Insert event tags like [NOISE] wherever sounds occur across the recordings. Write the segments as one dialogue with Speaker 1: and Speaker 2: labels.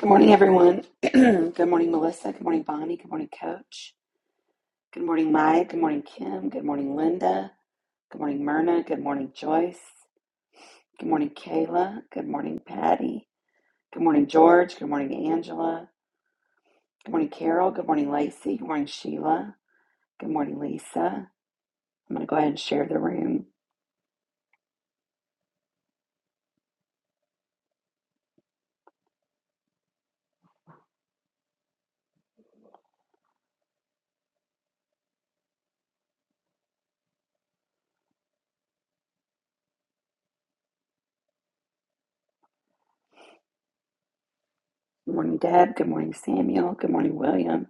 Speaker 1: Good morning, everyone. [CLEARS THROAT] Good morning, Melissa. Good morning, Bonnie. Good morning, Coach. Good morning, Mike. Good morning, Kim. Good morning, Linda. Good morning, Myrna. Good morning, Joyce. Good morning, Kayla. Good morning, Patty. Good morning, George. Good morning, Angela. Good morning, Carol. Good morning, Lacey. Good morning, Sheila. Good morning, Lisa. I'm going to go ahead and share the room. Good morning, Deb. Good morning, Samuel. Good morning, William.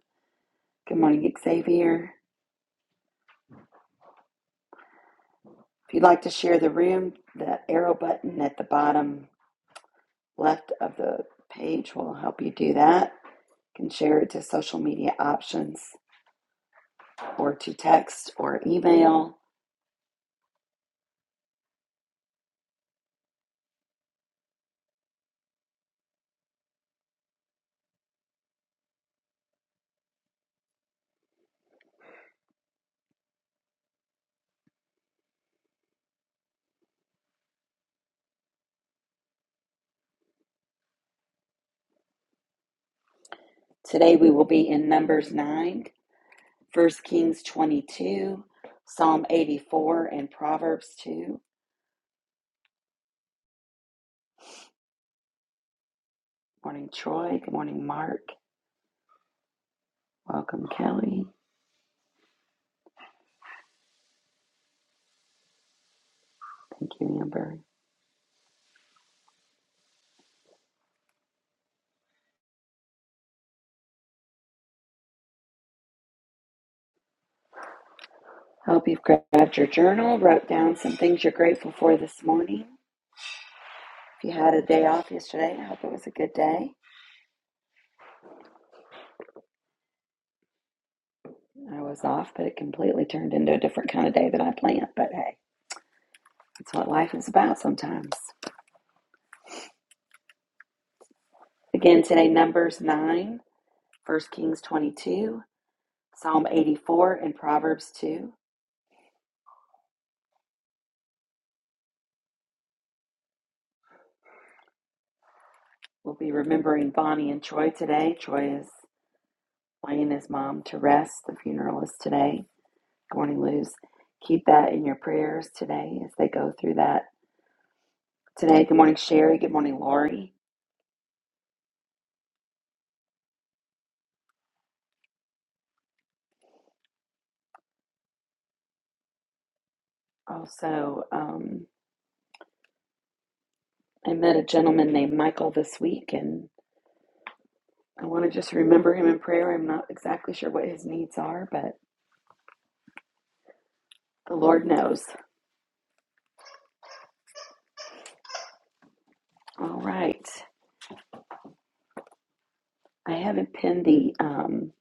Speaker 1: Good morning, Xavier. If you'd like to share the room, the arrow button at the bottom left of the page will help you do that. You can share it to social media options or to text or email. Today we will be in Numbers 9, First Kings 22, Psalm 84, and Proverbs 2. Morning, Troy. Good morning, Mark. Welcome, Kelly. Thank you, Amber. Hope you've grabbed your journal, wrote down some things you're grateful for this morning. If you had a day off yesterday, I hope it was a good day. I was off, but it completely turned into a different kind of day that I planned. But hey, that's what life is about sometimes. Again, today, Numbers 9, First Kings 22, Psalm 84, and Proverbs 2. We'll be remembering Bonnie and Troy today. Troy is laying his mom to rest. The funeral is today. Good morning, Luz. Keep that in your prayers today as they go through that today. Good morning, Sherry. Good morning, Lori. Also, um, I met a gentleman named Michael this week, and I want to just remember him in prayer. I'm not exactly sure what his needs are, but the Lord knows. All right. I haven't pinned the um,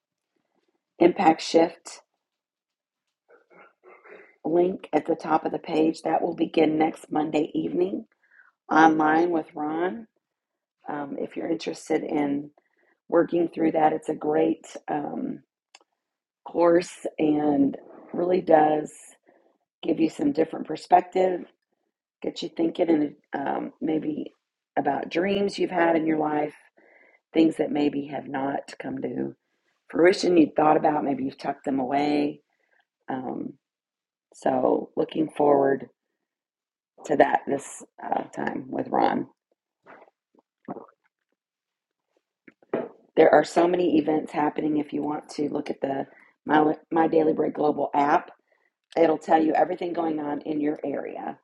Speaker 1: impact shift link at the top of the page. That will begin next Monday evening online with Ron. Um, if you're interested in working through that, it's a great um, course and really does give you some different perspective, get you thinking, and um, maybe about dreams you've had in your life things that maybe have not come to fruition you thought about, maybe you've tucked them away. Um, so, looking forward to that this uh, time with Ron. There are so many events happening. If you want to look at the My, My Daily Bread Global app, it'll tell you everything going on in your area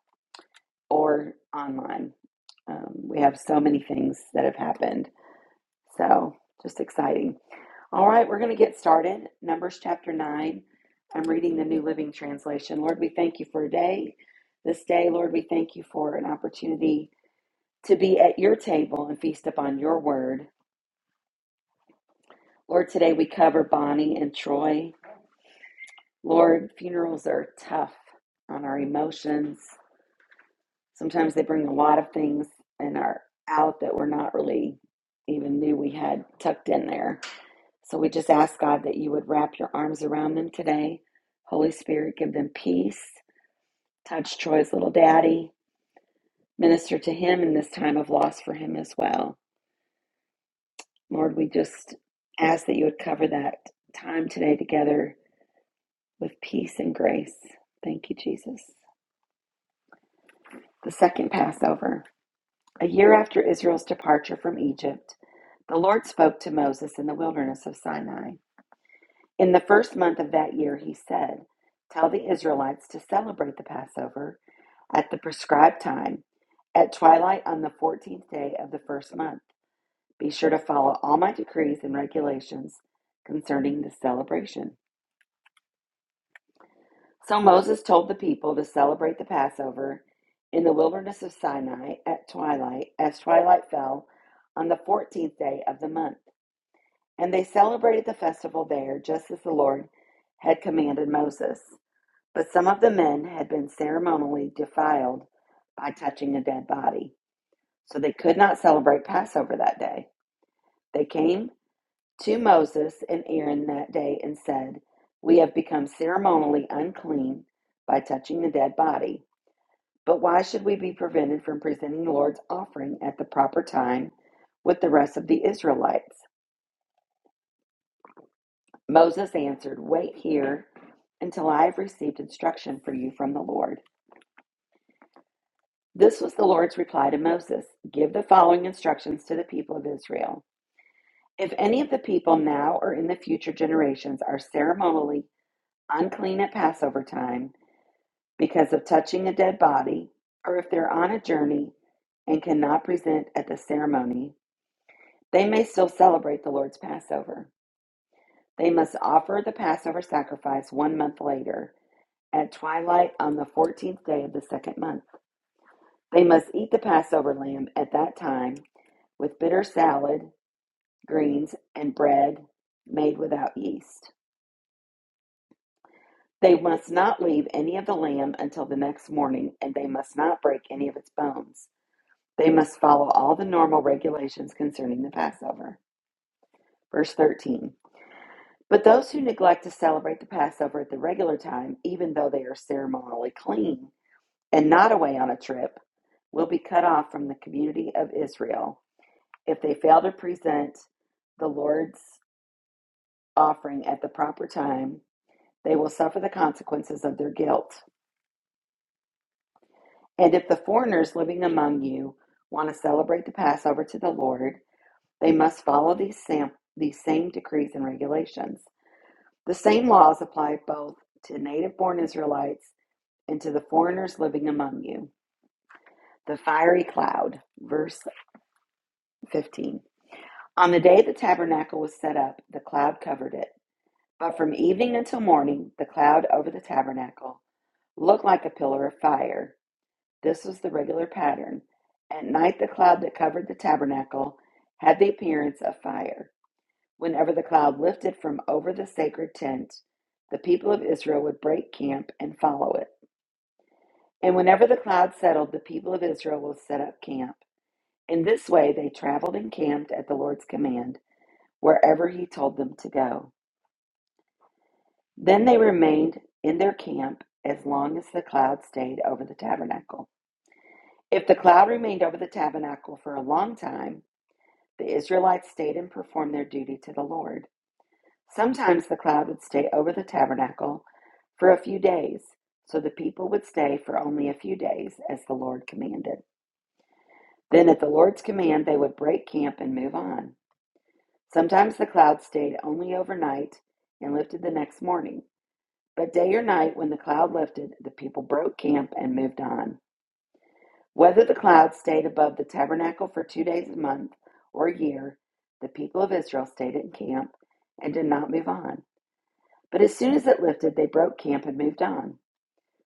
Speaker 1: or online. Um, we have so many things that have happened. So, just exciting. All right, we're going to get started. Numbers chapter 9. I'm reading the New Living Translation. Lord, we thank you for a day. This day, Lord, we thank you for an opportunity to be at your table and feast upon your word. Lord, today we cover Bonnie and Troy. Lord, funerals are tough on our emotions. Sometimes they bring a lot of things and are out that we're not really even knew we had tucked in there. So we just ask God that you would wrap your arms around them today. Holy Spirit, give them peace. Touch Troy's little daddy. Minister to him in this time of loss for him as well. Lord, we just ask that you would cover that time today together with peace and grace. Thank you, Jesus. The second Passover. A year after Israel's departure from Egypt, the Lord spoke to Moses in the wilderness of Sinai. In the first month of that year, he said, Tell the Israelites to celebrate the Passover at the prescribed time, at twilight on the 14th day of the first month. Be sure to follow all my decrees and regulations concerning the celebration. So Moses told the people to celebrate the Passover in the wilderness of Sinai at twilight, as twilight fell on the 14th day of the month. And they celebrated the festival there, just as the Lord had commanded Moses. But some of the men had been ceremonially defiled by touching a dead body, so they could not celebrate Passover that day. They came to Moses and Aaron that day and said, We have become ceremonially unclean by touching the dead body. But why should we be prevented from presenting the Lord's offering at the proper time with the rest of the Israelites? Moses answered, Wait here until I have received instruction for you from the Lord. This was the Lord's reply to Moses Give the following instructions to the people of Israel. If any of the people now or in the future generations are ceremonially unclean at Passover time because of touching a dead body, or if they're on a journey and cannot present at the ceremony, they may still celebrate the Lord's Passover. They must offer the Passover sacrifice one month later at twilight on the 14th day of the second month. They must eat the Passover lamb at that time with bitter salad, greens, and bread made without yeast. They must not leave any of the lamb until the next morning, and they must not break any of its bones. They must follow all the normal regulations concerning the Passover. Verse 13 But those who neglect to celebrate the Passover at the regular time, even though they are ceremonially clean and not away on a trip, will be cut off from the community of Israel if they fail to present the Lord's offering at the proper time they will suffer the consequences of their guilt. And if the foreigners living among you want to celebrate the Passover to the Lord, they must follow these same, these same decrees and regulations. The same laws apply both to native born Israelites and to the foreigners living among you. The fiery cloud, verse 15. On the day the tabernacle was set up, the cloud covered it. But from evening until morning, the cloud over the tabernacle looked like a pillar of fire. This was the regular pattern. At night, the cloud that covered the tabernacle had the appearance of fire. Whenever the cloud lifted from over the sacred tent, the people of Israel would break camp and follow it. And whenever the cloud settled, the people of Israel would set up camp. In this way, they traveled and camped at the Lord's command, wherever He told them to go. Then they remained in their camp as long as the cloud stayed over the tabernacle. If the cloud remained over the tabernacle for a long time, The Israelites stayed and performed their duty to the Lord. Sometimes the cloud would stay over the tabernacle for a few days, so the people would stay for only a few days as the Lord commanded. Then, at the Lord's command, they would break camp and move on. Sometimes the cloud stayed only overnight and lifted the next morning. But day or night, when the cloud lifted, the people broke camp and moved on. Whether the cloud stayed above the tabernacle for two days a month or a year, the people of Israel stayed in camp and did not move on. But as soon as it lifted, they broke camp and moved on.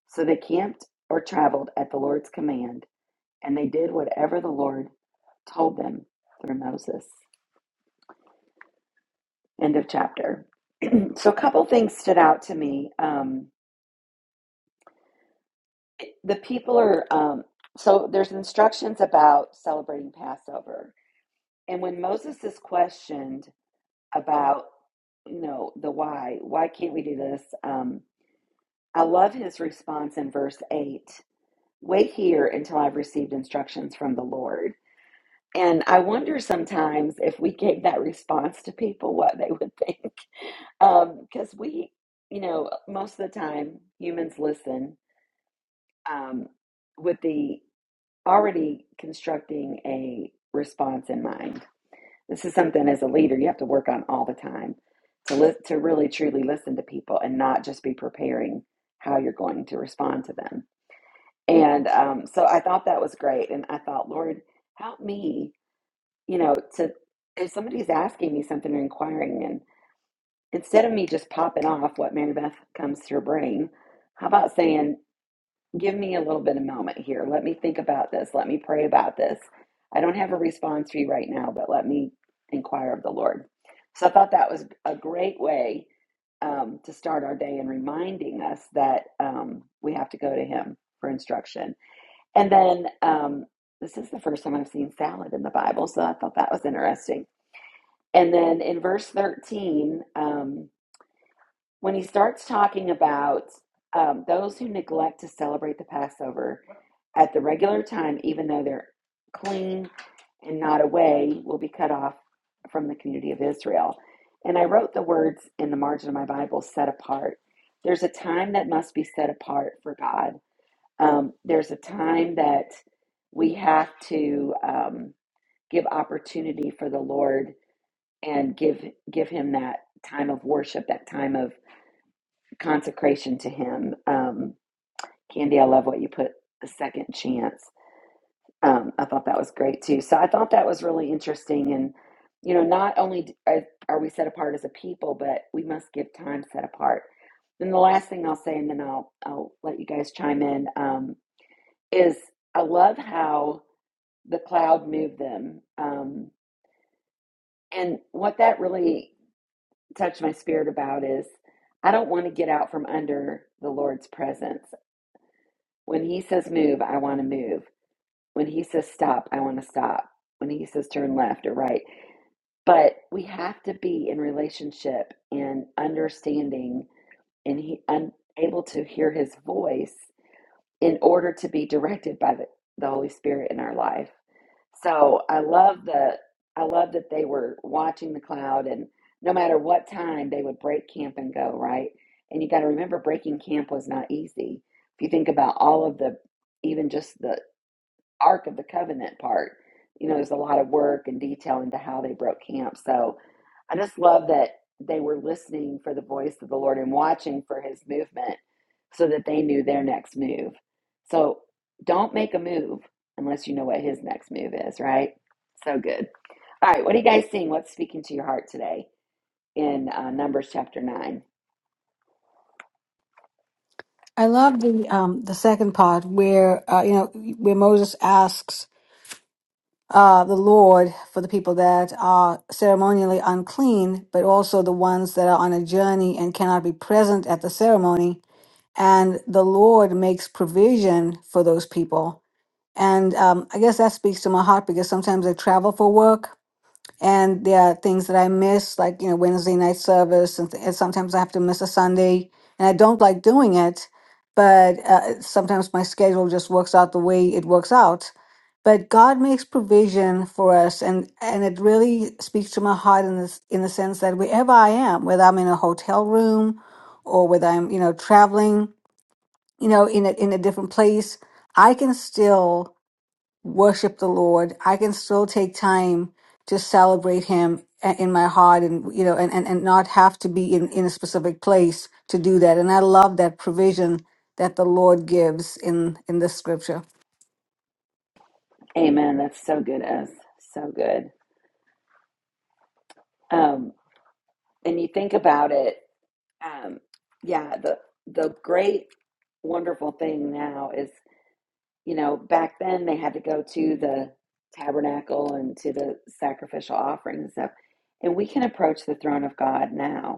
Speaker 1: So they camped or traveled at the Lord's command, and they did whatever the Lord told them through Moses. End of chapter. So a couple things stood out to me. Um, the people are, um, so there's instructions about celebrating Passover. And when Moses is questioned, about you know the why why can't we do this um i love his response in verse 8 wait here until i've received instructions from the lord and i wonder sometimes if we gave that response to people what they would think [LAUGHS] um because um, we you know most of the time humans listen um with the already constructing a response in mind This is something as a leader you have to work on all the time to li- to really truly listen to people and not just be preparing how you're going to respond to them. And um, so I thought that was great, and I thought, Lord, help me, you know, to if somebody's asking me something or inquiring, and instead of me just popping off what man Beth comes to your brain, how about saying? give me a little bit of moment here. Let me think about this. Let me pray about this. I don't have a response for you right now, but let me inquire of the Lord. So I thought that was a great way um, to start our day and reminding us that um, we have to go to Him for instruction. And then um, this is the first time I've seen salad in the Bible, so I thought that was interesting. And then in verse 13, um, when he starts talking about um, those who neglect to celebrate the Passover at the regular time, even though they're clean and not away, will be cut off from the community of Israel. And I wrote the words in the margin of my Bible set apart. There's a time that must be set apart for God. Um, there's a time that we have to um, give opportunity for the Lord and give give Him that time of worship, that time of consecration to him. Um, Candy, I love what you put the second chance. Um, I thought that was great too. So I thought that was really interesting. And, you know, not only are, are we set apart as a people, but we must give time set apart. And the last thing I'll say, and then I'll, I'll let you guys chime in, um, is I love how the cloud moved them. Um, and what that really touched my spirit about is I don't want to get out from under the Lord's presence. When he says move, I want to move. When he says stop, I want to stop. When he says turn left or right. But we have to be in relationship and understanding and he un, able to hear his voice in order to be directed by the, the Holy Spirit in our life. So I love the I love that they were watching the cloud and no matter what time they would break camp and go, right? And you got to remember breaking camp was not easy. If you think about all of the even just the Ark of the Covenant part. You know, there's a lot of work and detail into how they broke camp. So I just love that they were listening for the voice of the Lord and watching for his movement so that they knew their next move. So don't make a move unless you know what his next move is, right? So good. All right, what are you guys seeing? What's speaking to your heart today in uh, Numbers chapter 9?
Speaker 2: I love the um the second part where uh, you know where Moses asks uh the Lord for the people that are ceremonially unclean, but also the ones that are on a journey and cannot be present at the ceremony, and the Lord makes provision for those people. And um, I guess that speaks to my heart because sometimes I travel for work and there are things that I miss, like you know Wednesday night service, and, th- and sometimes I have to miss a Sunday, and I don't like doing it, but uh, sometimes my schedule just works out the way it works out. But God makes provision for us, and and it really speaks to my heart in this in the sense that wherever I am, whether I'm in a hotel room, or whether I'm you know traveling, you know in a in a different place, I can still worship the Lord, I can still take time to celebrate Him a- in my heart and, you know, and, and, and not have to be in, in a specific place to do that. And I love that provision that the Lord gives in, in the scripture.
Speaker 1: Amen. That's so good, Ez. So good. Um, and you think about it, um, yeah, the the great wonderful thing now is, you know, back then they had to go to the tabernacle and to the sacrificial offering and stuff. And we can approach the throne of God now.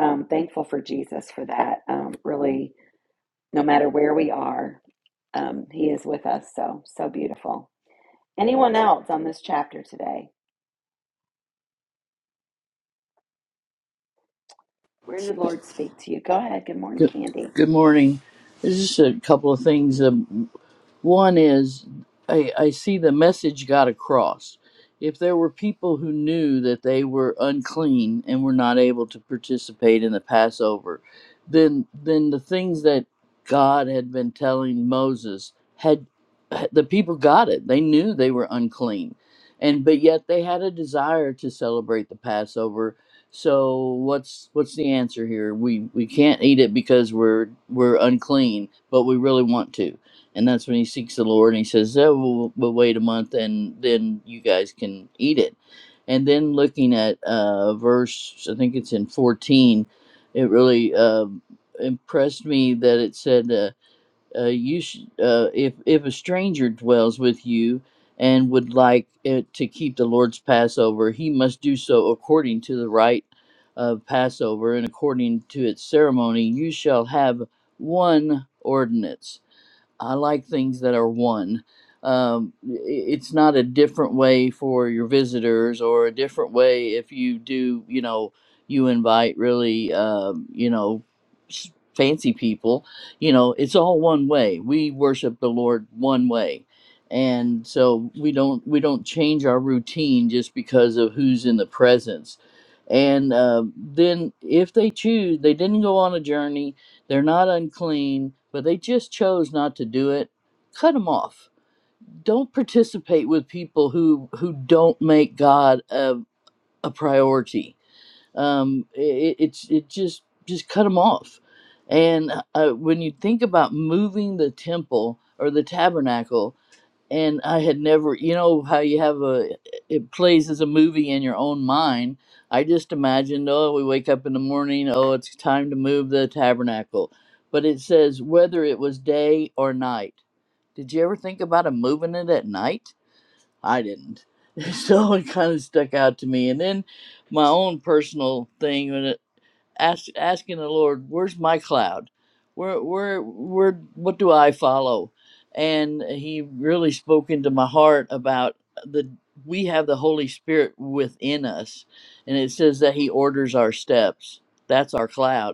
Speaker 1: Um, thankful for Jesus for that. Um, really, no matter where we are, um, He is with us. So, so beautiful. Anyone else on this chapter today? Where did the Lord speak to you? Go ahead. Good morning,
Speaker 3: Good,
Speaker 1: Candy.
Speaker 3: good morning. just a couple of things. Um, one is I, I see the message got across. If there were people who knew that they were unclean and were not able to participate in the Passover, then then the things that God had been telling Moses had the people got it. They knew they were unclean. And but yet they had a desire to celebrate the Passover. So what's what's the answer here? We we can't eat it because we're we're unclean, but we really want to and that's when he seeks the Lord and he says, "Oh, we'll, we'll wait a month, and then you guys can eat it." And then looking at uh, verse, I think it's in fourteen, it really uh, impressed me that it said, uh, uh, "You sh- uh, if if a stranger dwells with you." And would like it to keep the Lord's Passover, he must do so according to the rite of Passover and according to its ceremony. You shall have one ordinance I like things that are one. Um, it's not a different way for your visitors or a different way if you do, you know, you invite really, um, you know, s- fancy people. You know, it's all one way. We worship the Lord one way. And so we don't we don't change our routine just because of who's in the presence. And uh, then if they choose, they didn't go on a journey they're not unclean, but they just chose not to do it. Cut them off. Don't participate with people who who don't make God a, a priority. Um, it, it's it just just cut them off. And uh, when you think about moving the temple or the tabernacle, and I had never, you know, how you have a, it plays as a movie in your own mind. I just imagined, oh, we wake up in the morning, oh, it's time to move the tabernacle. But it says whether it was day or night. Did you ever think about 'em moving it at night? I didn't. [LAUGHS] So it kind of stuck out to me. And then my own personal thing. when ask, asking the Lord, "Where's my cloud? Where, where, where? What do I follow?" And He really spoke into my heart about the we have the Holy Spirit within us, and it says that He orders our steps. That's our cloud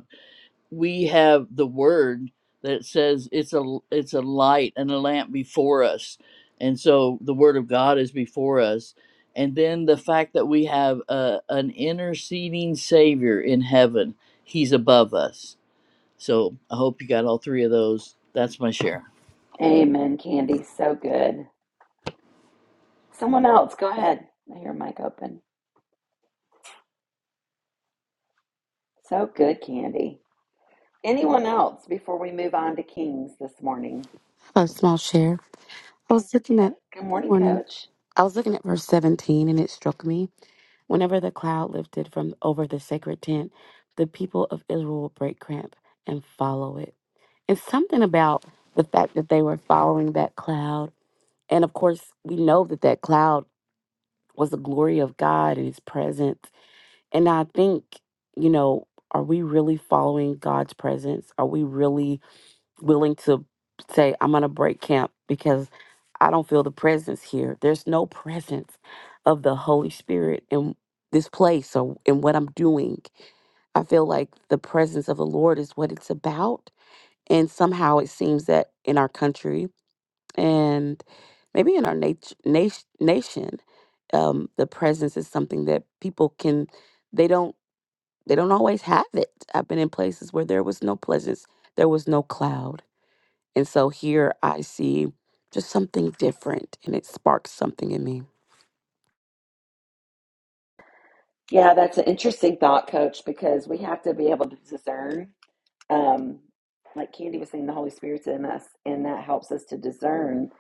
Speaker 3: we have the word that says it's a it's a light and a lamp before us and so the word of god is before us and then the fact that we have a, an interceding savior in heaven he's above us so i hope you got all three of those that's my share
Speaker 1: Amen, Candy. So good. Someone else, go ahead. I hear mic open. So good, Candy. Anyone else before we move on to Kings this morning?
Speaker 4: A small share. I was looking at,
Speaker 1: Good
Speaker 4: good
Speaker 1: morning,
Speaker 4: morning.
Speaker 1: Coach.
Speaker 4: I was looking at verse 17 and it struck me. Whenever the cloud lifted from over the sacred tent, the people of Israel will break camp and follow it. And something about the fact that they were following that cloud. And of course, we know that that cloud was the glory of God and his presence. And I think, you know, are we really following God's presence? Are we really willing to say, I'm going to break camp because I don't feel the presence here. There's no presence of the Holy Spirit in this place or in what I'm doing. I feel like the presence of the Lord is what it's about. And somehow it seems that in our country and maybe in our nat- nat- nation, um, the presence is something that people can, they don't, they don't always have it. I've been in places where there was no presence, there was no cloud. And so here I see just something different and it sparks something in me.
Speaker 1: Yeah, that's an interesting thought, Coach, because we have to be able to discern um, like Candy was saying, the Holy Spirit's in us, and that helps us to discern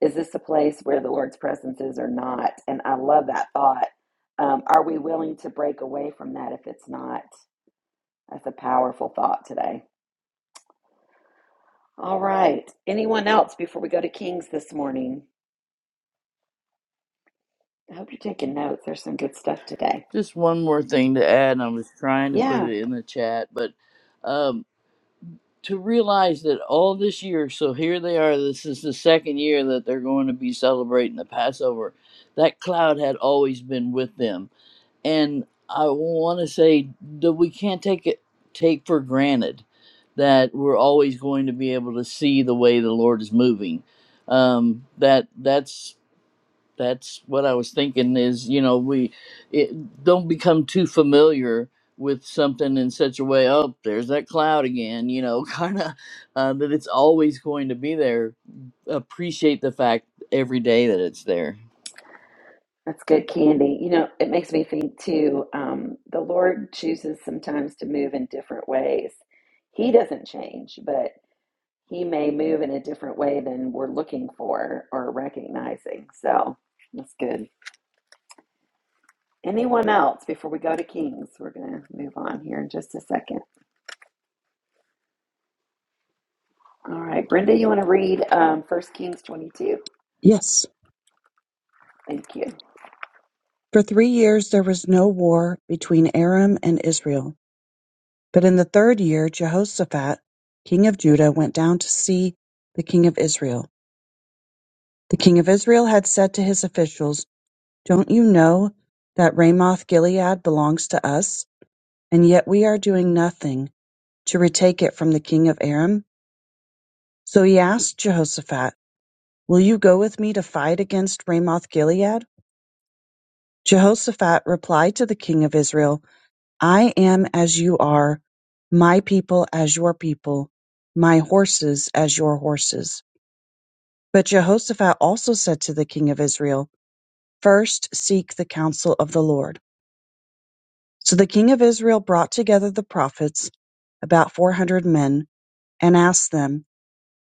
Speaker 1: is this a place where the Lord's presence is or not? And I love that thought. Um, are we willing to break away from that if it's not? That's a powerful thought today. All right. Anyone else before we go to Kings this morning? I hope you're taking notes. There's some good stuff today.
Speaker 3: just one more thing to add and i was trying to put
Speaker 1: Yeah,
Speaker 3: it in the chat but um, to realize that all this year, so here they are, this is the second year that they're going to be celebrating the Passover. That cloud had always been with them. And I want to say that we can't take it take for granted that we're always going to be able to see the way the Lord is moving. Um, that that's that's what I was thinking is, you know, we it, don't become too familiar with something in such a way, oh, there's that cloud again, you know, [LAUGHS] kind of uh, that it's always going to be there. Appreciate the fact every day that it's there.
Speaker 1: that's good, Candy. You know, it makes me think too. Um, the Lord chooses sometimes to move in different ways. He doesn't change, but he may move in a different way than we're looking for or recognizing. So that's good. Anyone else before we go to Kings? We're going to move on here in just a second. All right, Brenda, you want to read um, 1 Kings 22?
Speaker 5: Yes.
Speaker 1: Thank you.
Speaker 5: For three years there was no war between Aram and Israel. But in the third year, Jehoshaphat, king of Judah, went down to see the king of Israel. The king of Israel had said to his officials, Don't you know that Ramoth Gilead belongs to us? And yet we are doing nothing to retake it from the king of Aram. So he asked Jehoshaphat, Will you go with me to fight against Ramoth Gilead? Jehoshaphat replied to the king of Israel, I am as you are, my people as your people, my horses as your horses. But Jehoshaphat also said to the king of Israel, First seek the counsel of the Lord. So the king of Israel brought together the prophets, about 400 men, and asked them,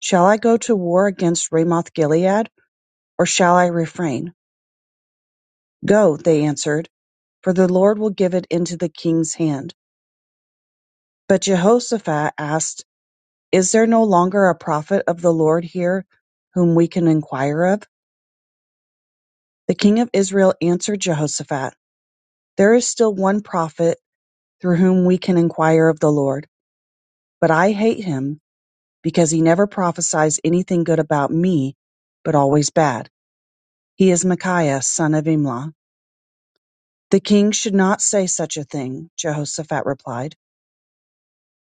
Speaker 5: Shall I go to war against Ramoth Gilead, or shall I refrain? Go, they answered, for the Lord will give it into the king's hand. But Jehoshaphat asked, Is there no longer a prophet of the Lord here whom we can inquire of? The king of Israel answered Jehoshaphat, There is still one prophet through whom we can inquire of the Lord, but I hate him because he never prophesies anything good about me, but always bad. He is Micaiah, son of Imlah. The king should not say such a thing, Jehoshaphat replied.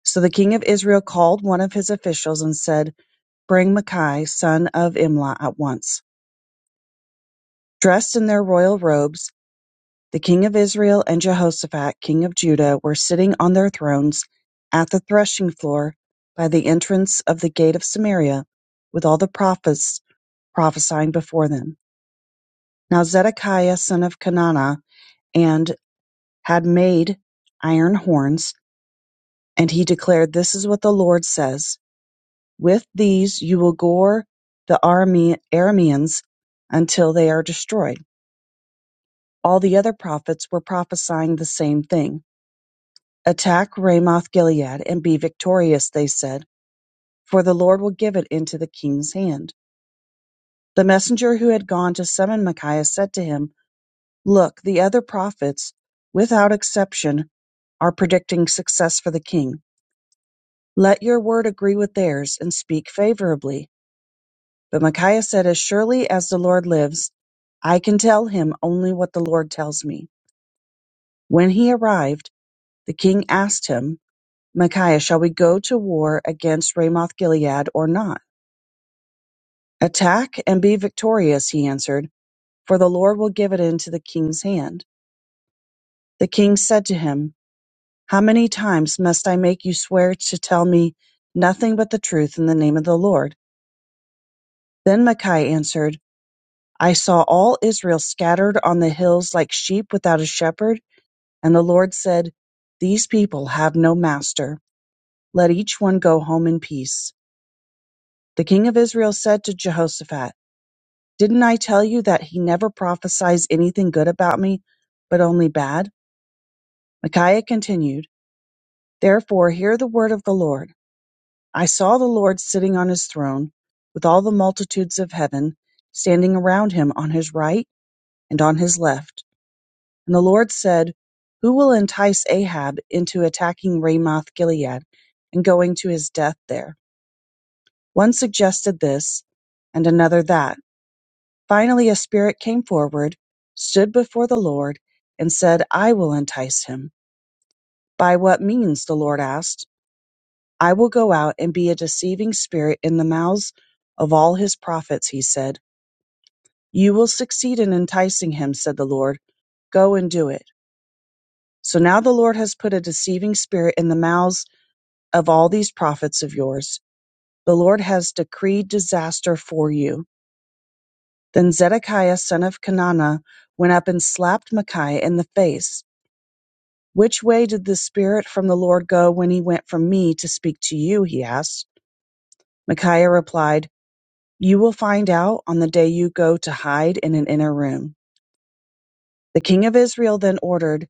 Speaker 5: So the king of Israel called one of his officials and said, Bring Micaiah, son of Imlah, at once. Dressed in their royal robes, The king of Israel and Jehoshaphat king of Judah were sitting on their thrones at the threshing floor by the entrance of the gate of Samaria, with all the prophets prophesying before them. Now Zedekiah son of Kenana and had made iron horns, and he declared, "This is what the Lord says: With these you will gore the Arameans until they are destroyed." All the other prophets were prophesying the same thing. Attack Ramoth-Gilead, and be victorious, they said, for the Lord will give it into the king's hand. The messenger who had gone to summon Micaiah said to him, Look, the other prophets, without exception, are predicting success for the king. Let your word agree with theirs, and speak favorably. But Micaiah said, As surely as the Lord lives, I can tell him only what the Lord tells me. When he arrived, the king asked him, Micaiah, shall we go to war against Ramoth Gilead or not? Attack and be victorious, he answered, for the Lord will give it into the king's hand. The king said to him, How many times must I make you swear to tell me nothing but the truth in the name of the Lord? Then Micaiah answered, I saw all Israel scattered on the hills like sheep without a shepherd, and the Lord said, These people have no master. Let each one go home in peace. The king of Israel said to Jehoshaphat, Didn't I tell you that he never prophesies anything good about me, but only bad? Micaiah continued, Therefore hear the word of the Lord. I saw the Lord sitting on his throne, with all the multitudes of heaven standing around him on his right and on his left. And the Lord said, Who will entice Ahab into attacking Ramoth Gilead and going to his death there? One suggested this, and another that Finally a spirit came forward, stood before the Lord, and said, I will entice him. By what means? the Lord asked. I will go out and be a deceiving spirit in the mouths of all his prophets, he said. You will succeed in enticing him, said the Lord. Go and do it. So now the Lord has put a deceiving spirit in the mouths of all these prophets of yours. The Lord has decreed disaster for you. Then Zedekiah, son of Kenana, went up and slapped Micaiah in the face. Which way did the Spirit from the Lord go when he went from me to speak to you? he asked. Micaiah replied, You will find out on the day you go to hide in an inner room. The king of Israel then ordered,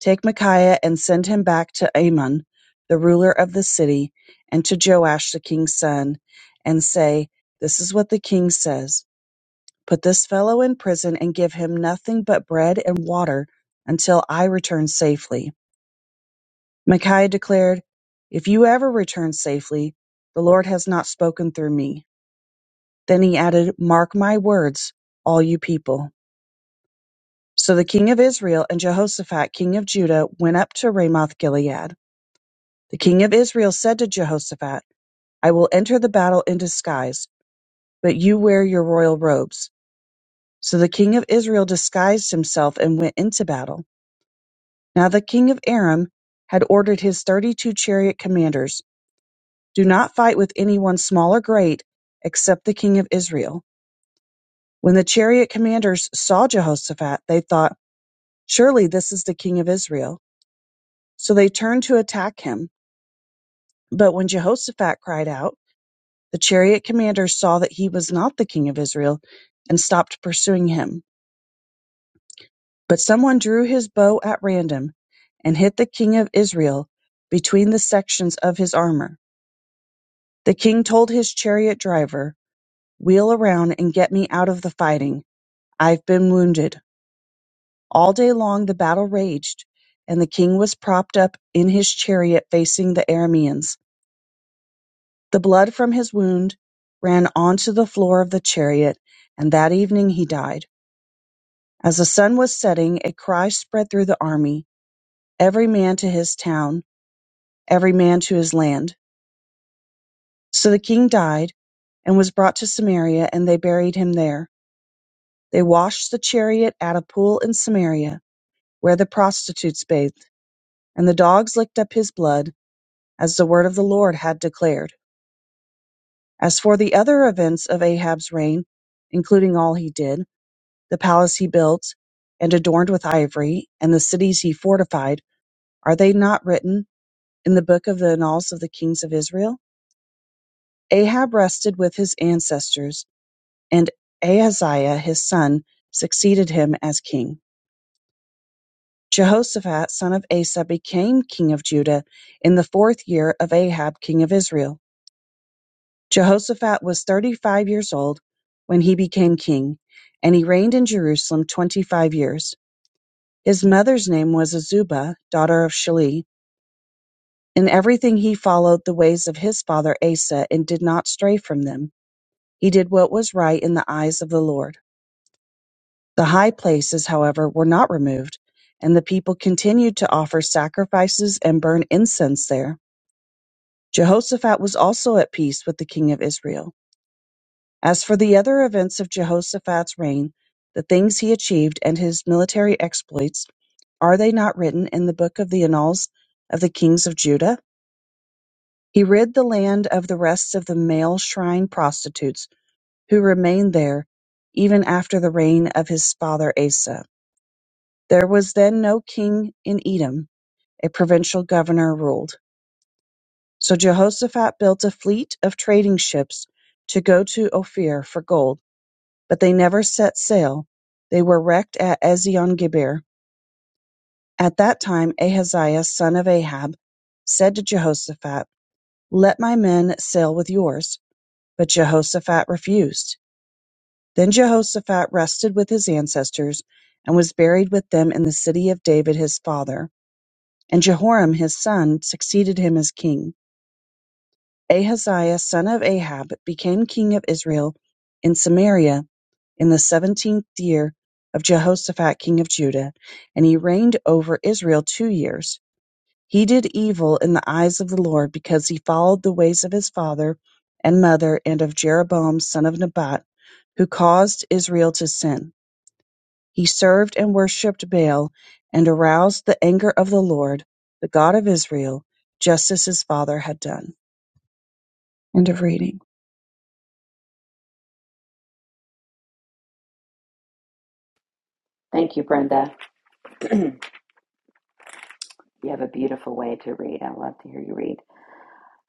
Speaker 5: Take Micaiah and send him back to Amon, the ruler of the city, and to Joash the king's son, and say, This is what the king says Put this fellow in prison and give him nothing but bread and water until I return safely. Micaiah declared, If you ever return safely, the Lord has not spoken through me. Then he added, Mark my words, all you people. So the king of Israel and Jehoshaphat, king of Judah, went up to Ramoth Gilead. The king of Israel said to Jehoshaphat, I will enter the battle in disguise, but you wear your royal robes. So the king of Israel disguised himself and went into battle. Now the king of Aram had ordered his thirty two chariot commanders Do not fight with anyone small or great, except the king of Israel. When the chariot commanders saw Jehoshaphat, they thought, Surely this is the king of Israel. So they turned to attack him. But when Jehoshaphat cried out, the chariot commanders saw that he was not the king of Israel and stopped pursuing him. But someone drew his bow at random and hit the king of Israel between the sections of his armor. The king told his chariot driver, Wheel around and get me out of the fighting. I've been wounded. All day long the battle raged, and the king was propped up in his chariot facing the Arameans. The blood from his wound ran onto the floor of the chariot, and that evening he died. As the sun was setting, a cry spread through the army, every man to his town, every man to his land. So the king died, and was brought to Samaria, and they buried him there. They washed the chariot at a pool in Samaria, where the prostitutes bathed, and the dogs licked up his blood as the word of the Lord had declared. As for the other events of Ahab's reign, including all he did, the palace he built and adorned with ivory, and the cities he fortified, are they not written in the book of the annals of the kings of Israel? Ahab rested with his ancestors, and Ahaziah his son succeeded him as king. Jehoshaphat son of Asa became king of Judah in the fourth year of Ahab king of Israel. Jehoshaphat was thirty-five years old when he became king, and he reigned in Jerusalem twenty-five years. His mother's name was Azubah, daughter of Shili. In everything he followed the ways of his father Asa and did not stray from them. He did what was right in the eyes of the Lord. The high places, however, were not removed, and the people continued to offer sacrifices and burn incense there. Jehoshaphat was also at peace with the king of Israel. As for the other events of Jehoshaphat's reign, the things he achieved, and his military exploits, are they not written in the book of the annals of the kings of Judah? He rid the land of the rest of the male shrine prostitutes who remained there even after the reign of his father Asa. There was then no king in Edom, a provincial governor ruled. So Jehoshaphat built a fleet of trading ships to go to Ophir for gold but they never set sail. They were wrecked at Eziongeber. At that time Ahaziah son of Ahab said to Jehoshaphat, Let my men sail with yours. But Jehoshaphat refused. Then Jehoshaphat rested with his ancestors and was buried with them in the city of David his father. And Jehoram his son succeeded him as king. Ahaziah son of Ahab became king of Israel in Samaria in the seventeenth year of Jehoshaphat king of Judah, and he reigned over Israel two years. He did evil in the eyes of the Lord because he followed the ways of his father and mother and of Jeroboam son of Nebat, who caused Israel to sin. He served and worshipped Baal and aroused the anger of the Lord, the God of Israel, just as his father had done. End of reading.
Speaker 1: Thank you, Brenda. [CLEARS THROAT] you have a beautiful way to read. I love to hear you read.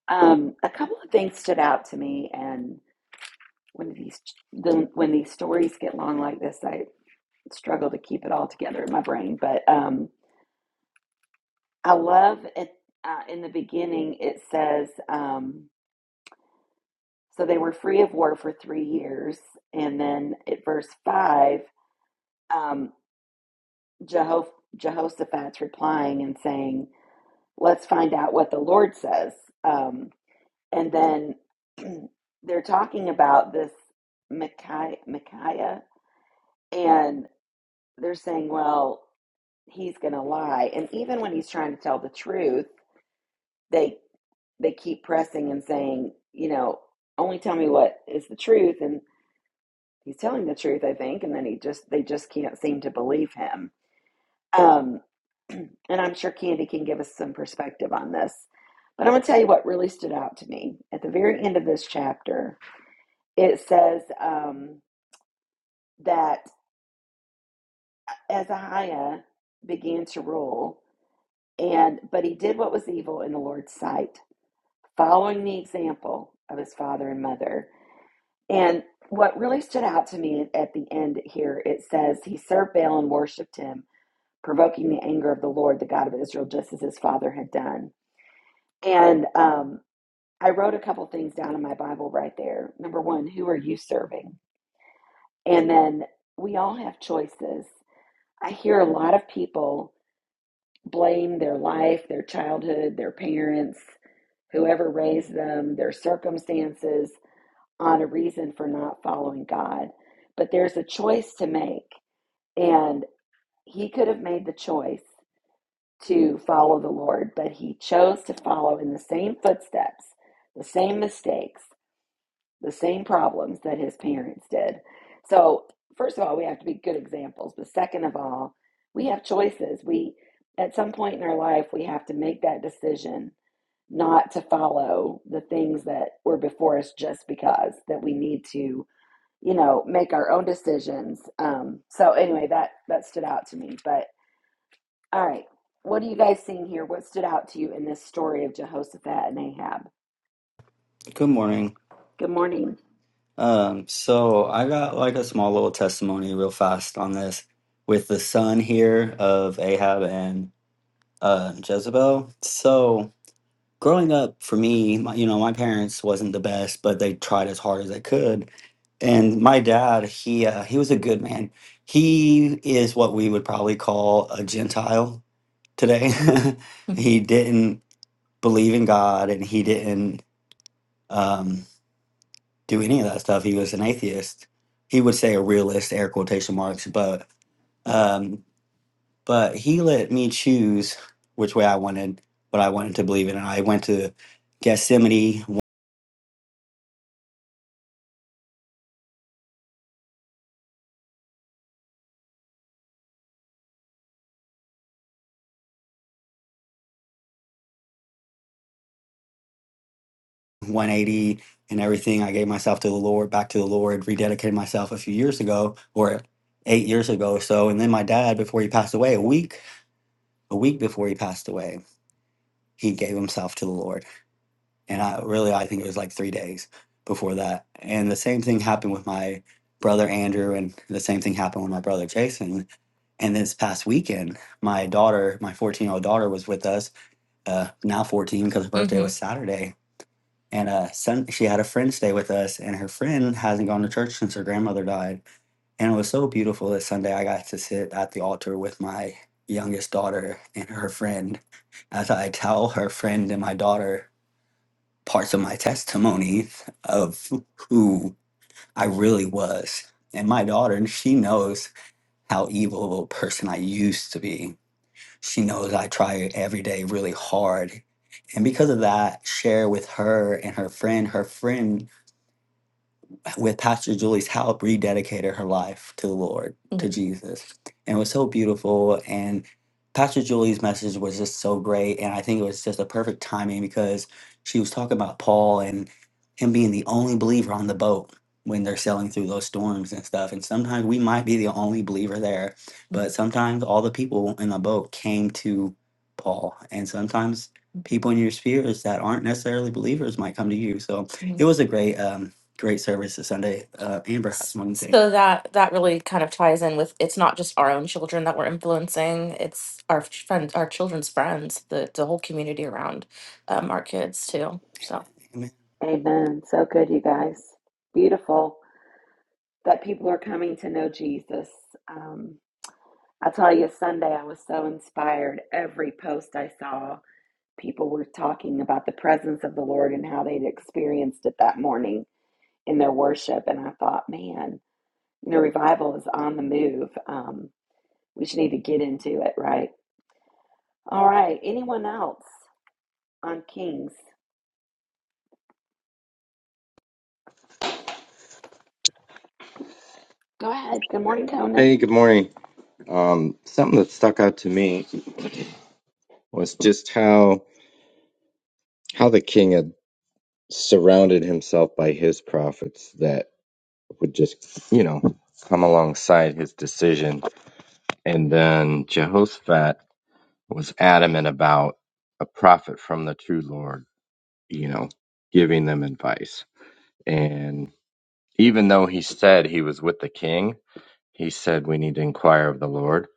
Speaker 1: Um, a couple of things stood out to me, and when these the, when these stories get long like this, I struggle to keep it all together in my brain. But um, I love it. Uh, in the beginning, it says, um, so they were free of war for three years. And then at verse 5, um, Jeho- Jehoshaphat's replying and saying, let's find out what the Lord says. Um, and then [CLEARS THROAT] they're talking about this Micaiah, Micaiah, and they're saying, well, he's going to lie. And even when he's trying to tell the truth, they. they keep pressing and saying, you know, only tell me what is the truth. And he's telling the truth, I think. And then he just, they just can't seem to believe him. Um, [CLEARS THROAT] and I'm sure Candy can give us some perspective on this. But I'm going to tell you what really stood out to me. At the very end of this chapter, it says um, that Azariah began to rule, and but he did what was evil in the Lord's sight, following the example of his father and mother. And what really stood out to me at the end here, it says, He served Baal and worshiped him, provoking the anger of the Lord, the God of Israel, just as his father had done. And um, I wrote a couple things down in my Bible right there. Number one, who are you serving? And then we all have choices. I hear a lot of people blame their life, their childhood, their parents, whoever raised them, their circumstances on a reason for not following God. But there's a choice to make And he could have made the choice to follow the Lord, but he chose to follow in the same footsteps, the same mistakes, the same problems that his parents did. So, first of all, we have to be good examples, but second of all, we have choices. We at some point in our life, we have to make that decision not to follow the things that were before us just because that we need to, you know, make our own decisions. Um, so anyway, that that stood out to me, but all right. What are you guys seeing here? What stood out to you in this story of Jehoshaphat and Ahab?
Speaker 6: Good morning.
Speaker 1: Good morning.
Speaker 6: Um, so I got like a small little testimony real fast on this with the son here of Ahab and uh, Jezebel. So growing up for me, my, you know, my parents wasn't the best, but they tried as hard as they could. And my dad, he uh, he was a good man. He is what we would probably call a Gentile today. [LAUGHS] [LAUGHS] he didn't believe in God, and he didn't. Um, do any of that stuff. He was an atheist. He would say a realist, air quotation marks, but um, but he let me choose which way I wanted, what I wanted to believe in. And I went to Gethsemane, 180, and everything. I gave myself to the Lord, back to the Lord, rededicated myself a few years ago, or eight years ago or so. And then my dad, before he passed away, a week, a week before he passed away, he gave himself to the Lord and I really I think it was like three days before that. And the same thing happened with my brother Andrew, and the same thing happened with my brother Jason. And this past weekend, my daughter, my 14 year old daughter, was with us. Uh, now 14 because her birthday hmm was Saturday. And uh, son, she had a friend stay with us, and her friend hasn't gone to church since her grandmother died. And it was so beautiful that Sunday I got to sit at the altar with my youngest daughter and her friend as I tell her friend and my daughter parts of my testimony of who I really was. And my daughter, she knows how evil of a person I used to be. She knows I try every day really hard. And because of that, share with her and her friend, her friend with Pastor Julie's help, rededicated her life to the Lord, to Mhm. Jesus. And it was so beautiful. And Pastor Julie's message was just so great. And I think it was just a perfect timing because she was talking about Paul and him being the only believer on the boat when they're sailing through those storms and stuff. And sometimes we might be the only believer there, but sometimes all the people in the boat came to Paul. And sometimes people in your spheres that aren't necessarily believers might come to you. So Mhm. it was a great um, great service this Sunday. Uh, Amber has one thing. So that that really kind of ties in with it's not just our own children that we're influencing; it's our friends, our children's friends, the the whole community around um, our kids too. So Amen.
Speaker 1: Amen. So good, you guys. Beautiful that people are coming to know Jesus. Um, I tell you, Sunday I was so inspired. Every post I saw, people were talking about the presence of the Lord and how they'd experienced it that morning in their worship. And I thought, man, you know, revival is on the move. Um, we just need to get into it, right? All right. Anyone else? on Kings. Go ahead. Good morning,
Speaker 7: Hey,
Speaker 1: Conan.
Speaker 7: good morning. Um, something that stuck out to me was just how how the king had surrounded himself by his prophets that would just, you know, come alongside his decision. And then Jehoshaphat was adamant about a prophet from the true Lord, you know, giving them advice. And even though he said he was with the king, he said we need to inquire of the Lord,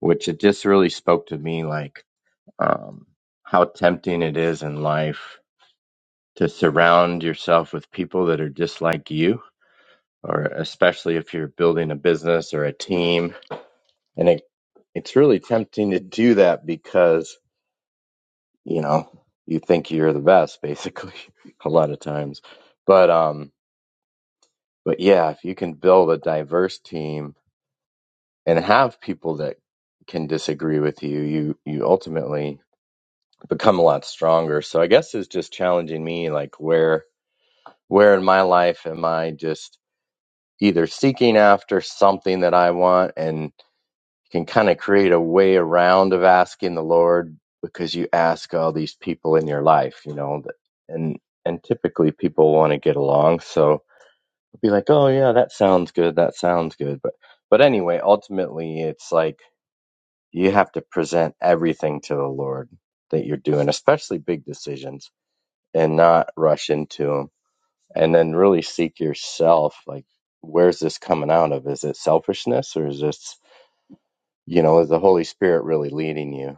Speaker 7: which it just really spoke to me like um, how tempting it is in life to surround yourself with people that are just like you, or especially if you're building a business or a team. And it, it's really tempting to do that because, you know, you think you're the best basically [LAUGHS] a lot of times. But, um, but yeah, if you can build a diverse team and have people that can disagree with you, you, you ultimately become a lot stronger. So I guess it's just challenging me, like where Where in my life am I just either seeking after something that I want and can kind of create a way around of asking the Lord because you ask all these people in your life, you know, that- and and typically people want to get along, so I'll be like, "Oh yeah, that sounds good. That sounds good." But but anyway, ultimately it's like you have to present everything to the Lord that you're doing, especially big decisions and not rush into them. and then really seek yourself like where's this coming out of is it selfishness or is this you know is the holy spirit really leading you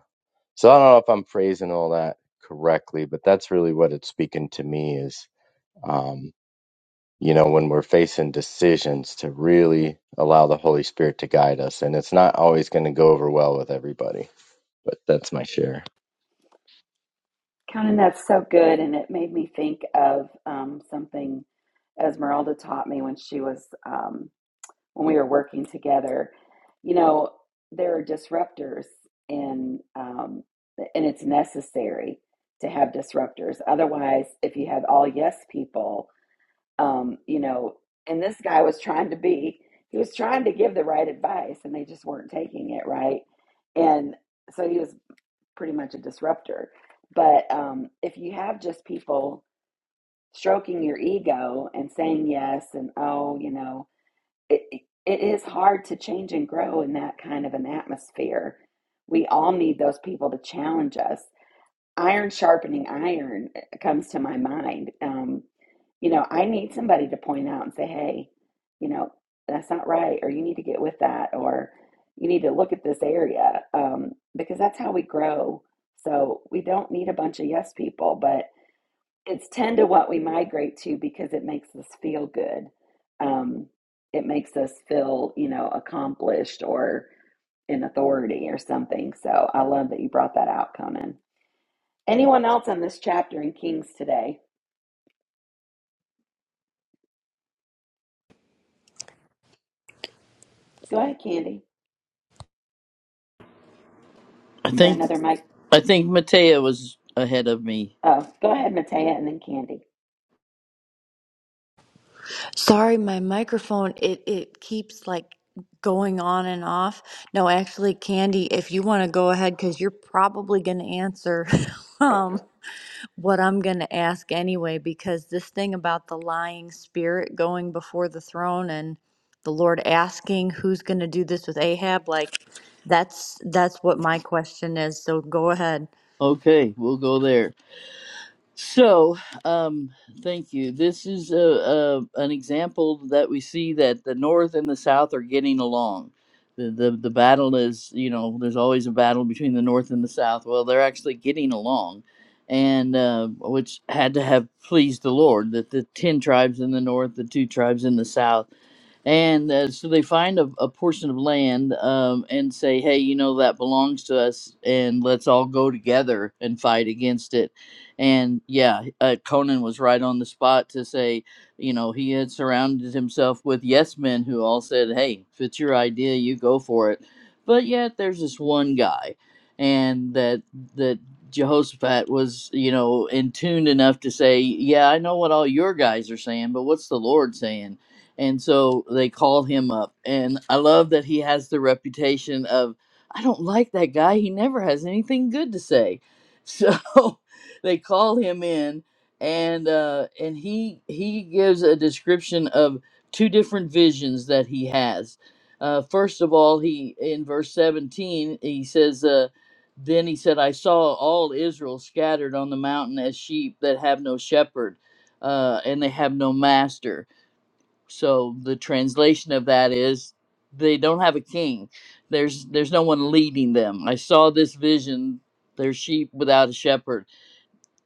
Speaker 7: so i don't know if i'm phrasing all that correctly but that's really what it's speaking to me is um you know when we're facing decisions to really allow the holy spirit to guide us and it's not always going to go over well with everybody but that's my share
Speaker 1: Conan, that's so good. And it made me think of um, something Esmeralda taught me when she was, um, when we were working together. You know, there are disruptors and um, and it's necessary to have disruptors. Otherwise, if you have all yes people, um, you know, and this guy was trying to be, he was trying to give the right advice and they just weren't taking it right. And so he was pretty much a disruptor. But um, if you have just people stroking your ego and saying yes and oh, you know, it, it it is hard to change and grow in that kind of an atmosphere. We all need those people to challenge us iron sharpening iron eh, comes to my mind. Um, you know, I need somebody to point out and say, hey, you know, that's not right, or you need to get with that, or you need to look at this area, um, because that's how we grow. So we don't need a bunch of yes people, but it's 10 to what we migrate to because it makes us feel good. Um, it makes us feel, you know, accomplished or in authority or something. So I love that you brought that out, Conan. Anyone else on this chapter in Kings today? Go ahead, Candy.
Speaker 3: I
Speaker 1: Is there
Speaker 3: think,
Speaker 1: another mic?
Speaker 3: I think Matea was ahead of me.
Speaker 1: Oh, go ahead, Matea, and then Candy.
Speaker 8: Sorry, my microphone, it, it keeps like going on and off. No, actually, Candy, if you want to go ahead, because you're probably going to answer [LAUGHS] um, what I'm going to ask anyway, because this thing about the lying spirit going before the throne and the Lord asking who's going to do this with Ahab, like that's that's what my question is. So go ahead.
Speaker 3: Okay, we'll go there. So, um, thank you. This is a, a an example that we see that the North and the South are getting along. The, the the battle is, you know, there's always a battle between the North and the South. Well, they're actually getting along, and uh, which had to have pleased the Lord that the ten tribes in the North, the two tribes in the South and uh, so they find a, a portion of land um, and say hey you know that belongs to us and let's all go together and fight against it and yeah uh, conan was right on the spot to say you know he had surrounded himself with yes men who all said hey if it's your idea you go for it but yet there's this one guy and that that Jehoshaphat was, you know, in tune enough to say, "Yeah, I know what all your guys are saying, but what's the Lord saying?" and so they call him up and i love that he has the reputation of i don't like that guy he never has anything good to say so [LAUGHS] they call him in and uh and he he gives a description of two different visions that he has uh first of all he in verse 17 he says uh then he said i saw all israel scattered on the mountain as sheep that have no shepherd uh and they have no master so the translation of that is they don't have a king. There's there's no one leading them. I saw this vision, their sheep without a shepherd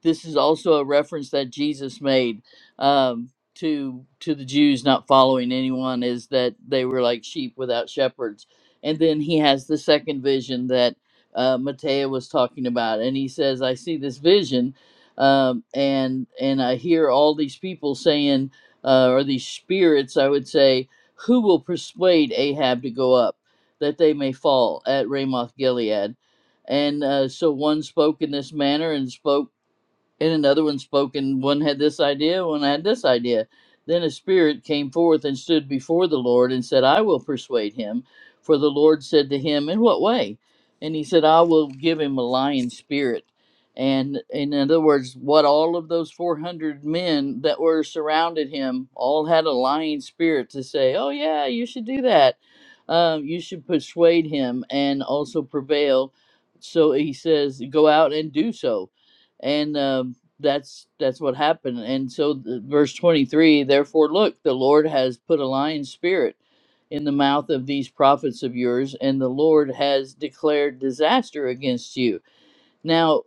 Speaker 3: this is also a reference that Jesus made um, to to the Jews not following anyone is that they were like sheep without shepherds. And then he has the second vision that uh, Matteo was talking about, and he says, "I see this vision, um, and and I hear all these people saying, uh, or these spirits, I would say, who will persuade Ahab to go up, that they may fall at Ramoth Gilead." And uh, so one spoke in this manner and spoke and another one spoke, and one had this idea, one had this idea. Then a spirit came forth and stood before the Lord and said, I will persuade him. For the Lord said to him, In what way? And he said, I will give him a lion spirit. And in other words, what all of those 400 men that were surrounded him all had a lion spirit to say, Oh, yeah, you should do that. Um, you should persuade him and also prevail. So he says, Go out and do so and um, that's that's what happened and so the, verse 23 therefore look the lord has put a lion spirit in the mouth of these prophets of yours and the lord has declared disaster against you now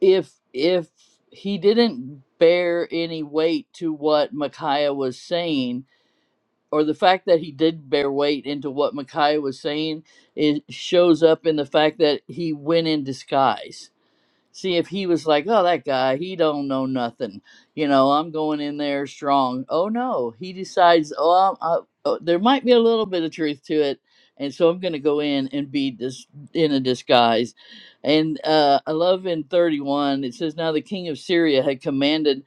Speaker 3: if if he didn't bear any weight to what micaiah was saying or the fact that he did bear weight into what micaiah was saying it shows up in the fact that he went in disguise See if he was like, oh, that guy, he don't know nothing. You know, I'm going in there strong. Oh no, he decides, oh, I'm, I, oh there might be a little bit of truth to it, and so I'm going to go in and be this in a disguise. And uh, I love in 31 it says, now the king of Syria had commanded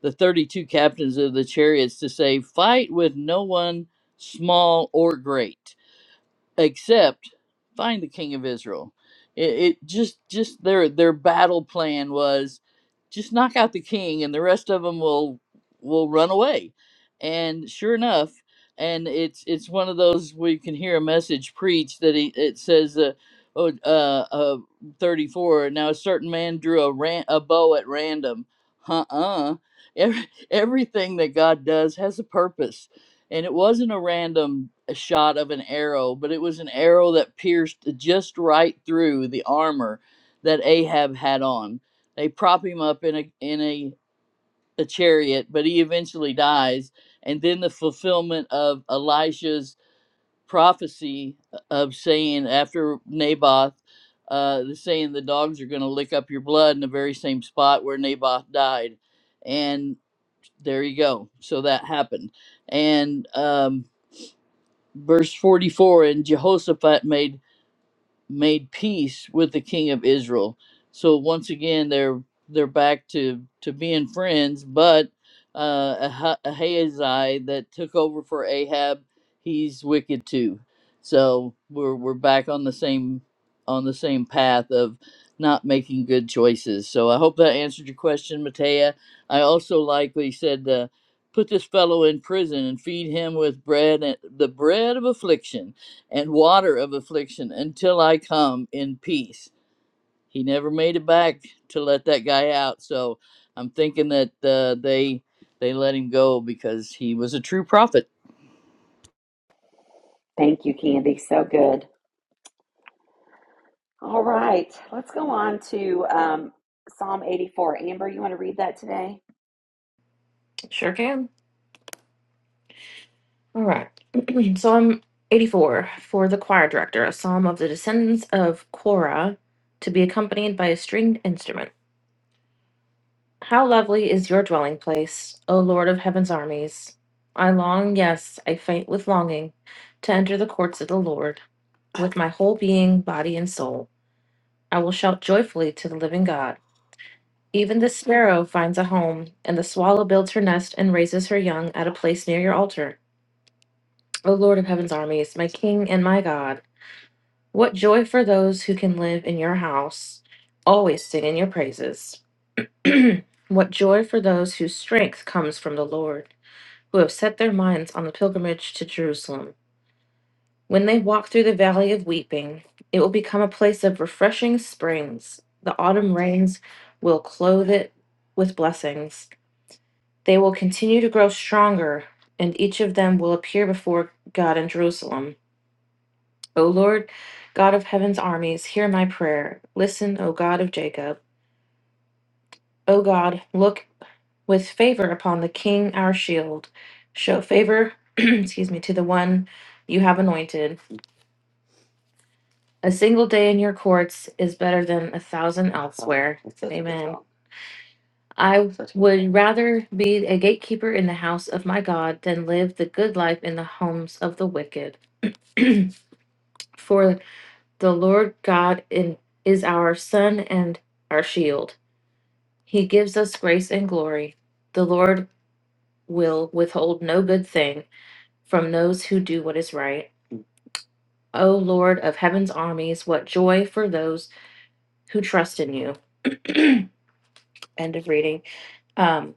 Speaker 3: the 32 captains of the chariots to say, fight with no one, small or great except find the king of Israel. It, it just just their their battle plan was just knock out the king, and the rest of them will will run away. And sure enough, and it's it's one of those where you can hear a message preached that he, it says. Uh, Oh, uh, uh, 34. Now, a certain man drew a, ran- a bow at random. Uh uh. Every- everything that God does has a purpose and it wasn't a random shot of an arrow, but it was an arrow that pierced just right through the armor that Ahab had on. They prop him up in a in a, a chariot, but he eventually dies. And then the fulfillment of Elisha's prophecy uh, of saying after Naboth, uh, the saying the dogs are going to lick up your blood in the very same spot where Naboth died, and there you go. So that happened, and um, verse 44 and jehoshaphat made made peace with the king of Israel. So once again, they're they're back to to being friends. But uh, Ah- Ahazi that took over for Ahab, he's wicked too. So we're we're back on the same on the same path of not making good choices. So I hope that answered your question, Matea. I also like what he said. Uh, Put this fellow in prison and feed him with bread and the bread of affliction and water of affliction until I come in peace. He never made it back to let that guy out. So I'm thinking that uh, they they let him go because he was a true prophet.
Speaker 1: Thank you, Candy. So good. All right, let's go on to um, Psalm 84. Amber, you want to read that today?
Speaker 6: sure can. All right. [CLEARS THROAT] Psalm 84 for the choir director, a psalm of the descendants of Korah, to be accompanied by a stringed instrument. How lovely is your dwelling place, O Lord of heaven's armies! I long, yes, I faint with longing to enter the courts of the Lord. With my whole being, body, and soul, I will shout joyfully to the living God. Even the sparrow finds a home, and the swallow builds her nest and raises her young at a place near your altar. O Lord of heaven's armies, my King and my God, what joy for those who can live in your house, always singing your praises. [CLEARS THROAT] what joy for those whose strength comes from the Lord who have set their minds on the pilgrimage to Jerusalem. When they walk through the valley of weeping, it will become a place of refreshing springs. The autumn rains will clothe it with blessings. They will continue to grow stronger, and each of them will appear before God in Jerusalem. O Lord, God of heaven's armies, hear my prayer. Listen, O God of Jacob. O God, look with favor upon the king, our shield. Show favor, [CLEARS THROAT] excuse me, to the one you have anointed. A single day in your courts is better than a thousand elsewhere. Amen. I would rather be a gatekeeper in the house of my God than live the good life in the homes of the wicked. For the Lord God in, is our sun and our shield. He gives us grace and glory. The Lord will withhold no good thing from those who do what is right. O Lord of heaven's armies, what joy for those who trust in you. End of reading. Um,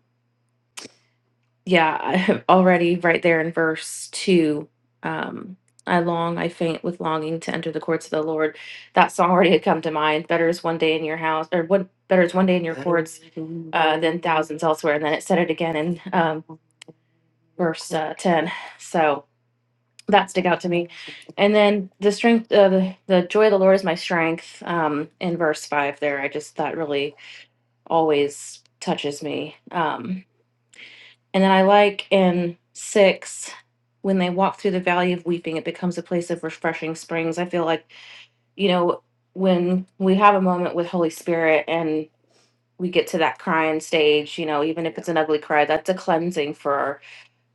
Speaker 6: yeah, [LAUGHS] I have already right there in verse two. Um, I long, I faint with longing to enter the courts of the Lord. That song already had come to mind. Better is one day in your house, or what? Better is one day in your courts uh, than thousands elsewhere. And then it said it again in um, verse uh, ten. So that stick out to me. And then the strength, uh, the, the joy of the Lord is my strength. Um, in verse five, there, I just that really always touches me. Um, and then I like in six when they walk through the valley of weeping, it becomes a place of refreshing springs. I feel like you know when we have a moment with Holy Spirit and we get to that crying stage, you know, even if it's an ugly cry, that's a cleansing for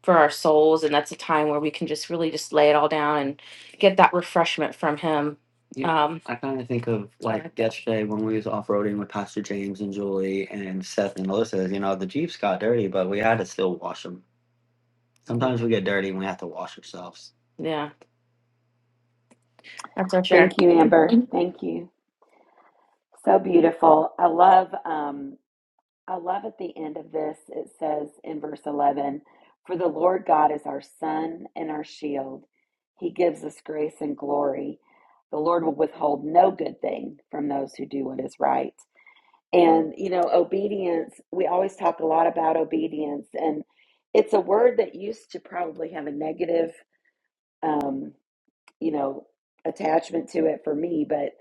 Speaker 6: for our souls and that's a time where we can just really just lay it all down and get that refreshment from him Yeah, um I kind of think of like sorry. yesterday when we was off roading with Pastor James and Julie and Seth and Melissa. You know, the Jeeps got dirty, but we had to still wash them. Sometimes we get dirty and we have to wash ourselves. yeah that's our share
Speaker 1: Thank you, Amber.
Speaker 6: Mhm.
Speaker 1: Thank you. So beautiful. I love. Um, I love at the end of this, it says in verse 11, For the Lord God is our sun and our shield. He gives us grace and glory. The Lord will withhold no good thing from those who do what is right. And, you know, obedience, we always talk a lot about obedience, and it's a word that used to probably have a negative, um, you know, attachment to it for me. But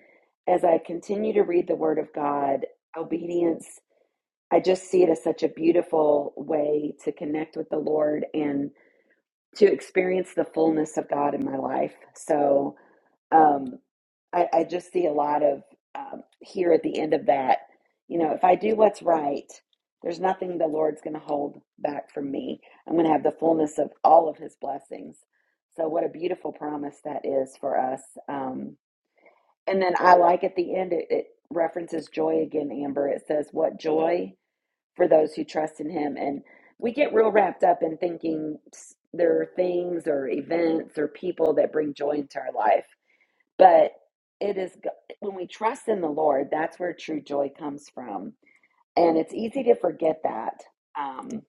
Speaker 1: as I continue to read the Word of God, obedience I just see it as such a beautiful way to connect with the Lord and to experience the fullness of God in my life. So um, I, I just see a lot of um, here at the end of that. You know, if I do what's right, there's nothing the Lord's going to hold back from me. I'm going to have the fullness of all of His blessings. So what a beautiful promise that is for us. Um, and then I like at the end it, it references joy again, Amber. It says, "What joy." for those who trust in him. And we get real wrapped up in thinking there are things or events or people that bring joy into our life. But it is when we trust in the Lord, that's where true joy comes from. And it's easy to forget that. Um,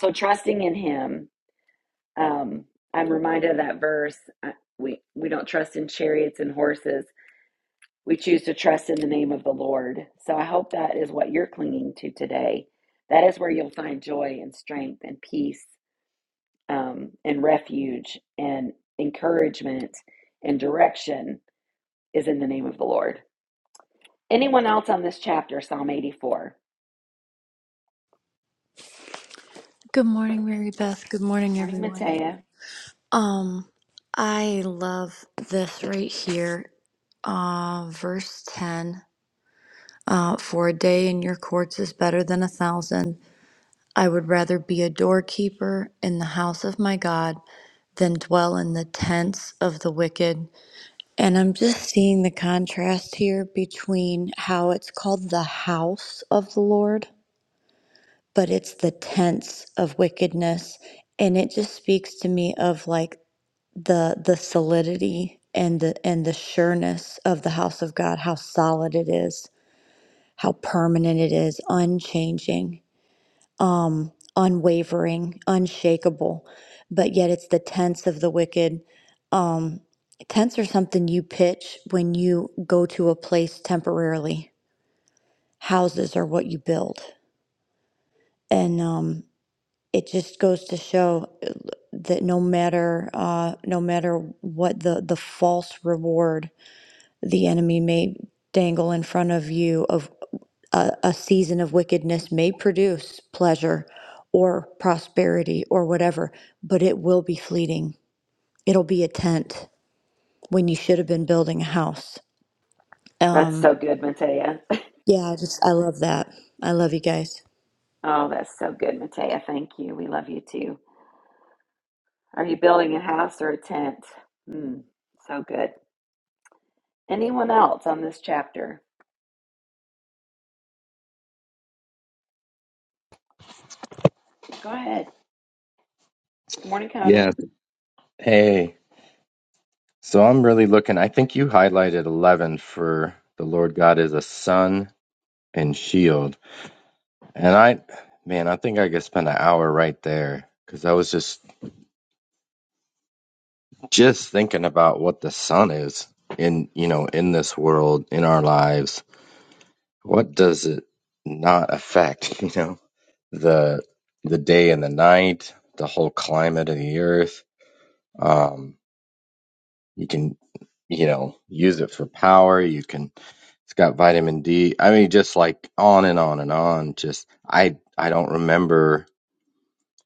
Speaker 1: so trusting in him, um, I'm reminded of that verse. uh, We, we don't trust in chariots and horses, we choose to trust in the name of the Lord. So I hope that is what you're clinging to today. That is where you'll find joy and strength and peace um, and refuge and encouragement and direction is in the name of the Lord. Anyone else on this chapter, Psalm 84?
Speaker 8: Good morning, Mary Beth. Good
Speaker 1: Good
Speaker 8: morning,
Speaker 1: morning,
Speaker 8: everyone.
Speaker 1: Matea.
Speaker 8: Um, I love this right here, uh, verse 10. Uh, for a day in your courts is better than a thousand. I would rather be a doorkeeper in the house of my God than dwell in the tents of the wicked. And I'm just seeing the contrast here between how it's called the house of the Lord, but it's the tents of wickedness. And it just speaks to me of like the the solidity and the and the sureness of the house of God, how solid it is, how permanent it is, unchanging, um, unwavering, unshakable. But yet it's the tents of the wicked. Um, tents are something you pitch when you go to a place temporarily. Houses are what you build, and um, it just goes to show uh, that no matter uh, no matter what the the false reward the enemy may dangle in front of you of a, a season of wickedness may produce pleasure or prosperity or whatever but it will be fleeting it'll be a tent when you should have been building a house
Speaker 1: That's
Speaker 8: um
Speaker 1: so good, Matea.
Speaker 8: yeah i just i love that i love you guys
Speaker 1: Oh, that's so good, Matea. Thank you. We love you too. Are you building a house or a tent? Hmm, so good. Anyone else on this chapter? Go ahead. Good morning,
Speaker 7: yes
Speaker 1: Conan.
Speaker 7: hey so i'm really looking i think you highlighted 11 for the lord god is a son and Shield. And I, man, I think I could spend an hour right there because I was just just thinking about what the sun is in you know in this world in our lives. What does it not affect? [LAUGHS] You know the the day and the night, the whole climate of the earth. Um, you can you know use it for power. You can. It's got vitamin D. I mean, just like on and on and on. Just I I don't remember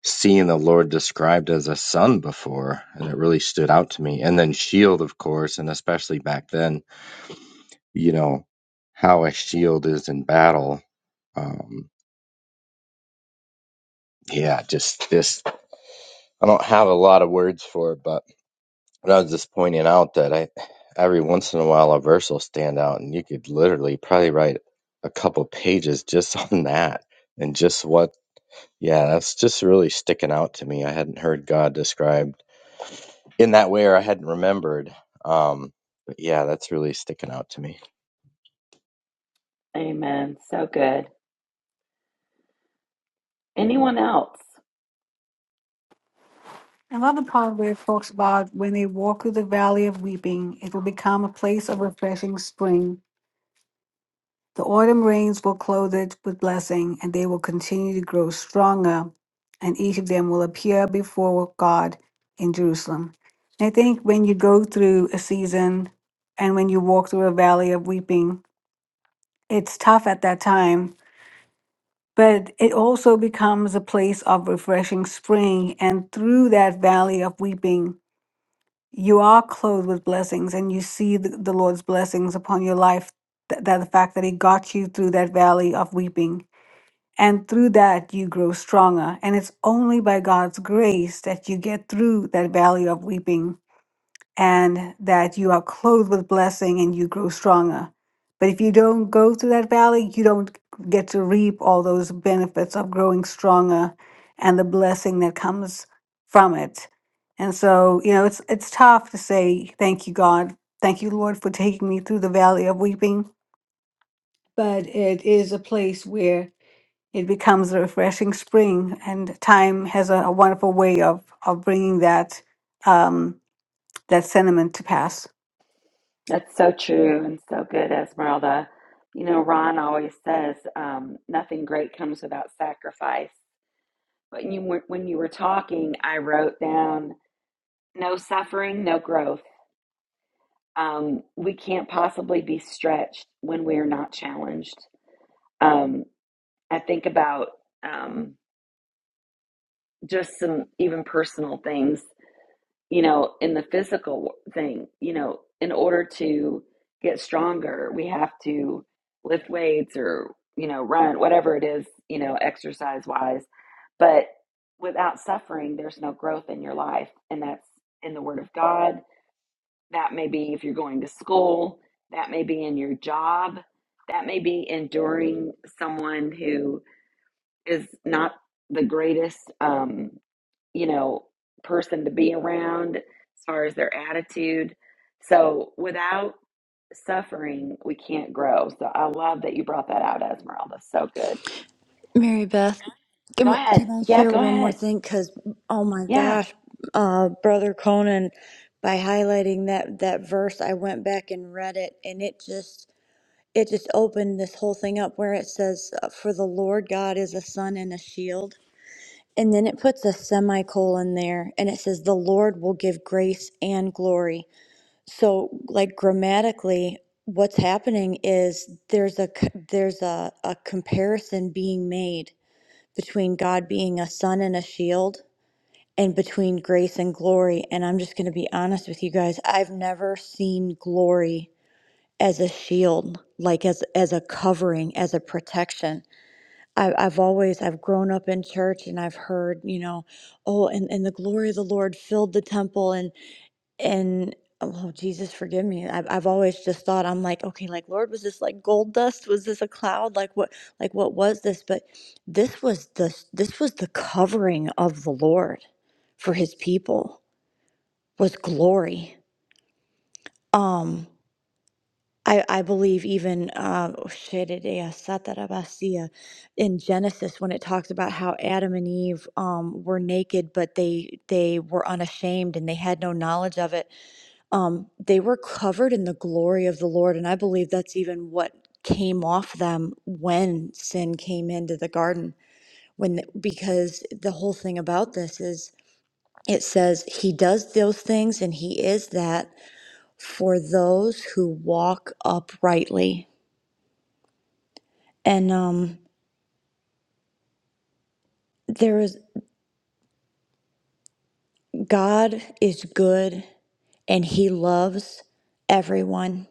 Speaker 7: seeing the Lord described as a son before, and it really stood out to me. And then shield, of course, and especially back then, you know how a shield is in battle. Um, yeah, just this. I don't have a lot of words for it, but I was just pointing out that I every once in a while a verse will stand out, and you could literally probably write a couple pages just [LAUGHS] on that and just what. Yeah, that's just really sticking out to me. I hadn't heard God described in that way, or I hadn't remembered. Um, but yeah, that's really sticking out to me.
Speaker 1: Amen. So good. Anyone else?
Speaker 2: I love the part where it talks about when they walk through the valley of weeping, it will become a place of refreshing spring. The autumn rains will clothe it with blessing, and they will continue to grow stronger, and each of them will appear before God in Jerusalem. And I think when you go through a season and when you walk through a valley of weeping, it's tough at that time, but it also becomes a place of refreshing spring. And through that valley of weeping, you are clothed with blessings and you see the, the Lord's blessings upon your life. Th- that the fact that He got you through that valley of weeping And through that, you grow stronger. And it's only by God's grace that you get through that valley of weeping and that you are clothed with blessing and you grow stronger. But if you don't go through that valley, you don't get to reap all those benefits of growing stronger and the blessing that comes from it. And so, you know, it's it's tough to say thank you God, thank you Lord for taking me through the valley of weeping, but it is a place where it becomes a refreshing spring and time has a, a wonderful way of of bringing that um that sentiment to pass
Speaker 1: That's so true and so good, Esmeralda. You know, Ron always says um, nothing great comes without sacrifice. But you were, when you were talking, I wrote down no suffering, no growth. Um, we can't possibly be stretched when we are not challenged. Um, I think about um, just some even personal things. you know, in the physical thing, you know, in order to get stronger, we have to lift weights or, you know, run, whatever it is, you know, exercise wise. But without suffering, there's no growth in your life. And that's in the Word of God. That may be if you're going to school, that may be in your job, that may be enduring someone who is not the greatest. Um, you know, person to be around as far as their attitude. So without suffering, we can't grow. So I love that you brought that out, Esmeralda. So good.
Speaker 8: mary beth can,
Speaker 1: Go
Speaker 8: we-
Speaker 1: ahead.
Speaker 8: can i
Speaker 1: Yeah,
Speaker 8: share
Speaker 1: go
Speaker 8: one more
Speaker 1: ahead.
Speaker 8: thing because oh my
Speaker 1: Yeah.
Speaker 8: gosh uh brother conan by highlighting that that verse i went back and read it and it just it just opened this whole thing up where it says, uh, For the Lord God is a sun and a shield. And then it puts a semicolon there and it says, The Lord will give grace and glory. So, like grammatically, what's happening is there's a c- there's a, a comparison being made between God being a sun and a shield and between grace and glory and I'm just going to be honest with you guys I've never seen glory as a shield, like as as a covering, as a protection. I, I've always I've grown up in church and I've heard, you know, oh, and and the glory of the Lord filled the temple and and oh Jesus forgive me. I've I've always just thought I'm like, okay, like Lord, was this like gold dust? Was this a cloud? Like what like what was this? But this was the this was the covering of the Lord for his people was glory. Um I, I believe even uh, in Genesis when it talks about how Adam and Eve um, were naked, but they they were unashamed and they had no knowledge of it. Um, they were covered in the glory of the Lord, and I believe that's even what came off them when sin came into the garden. When the- because the whole thing about this is it says he does those things and he is that for those who walk uprightly And um, there is God is good and He loves everyone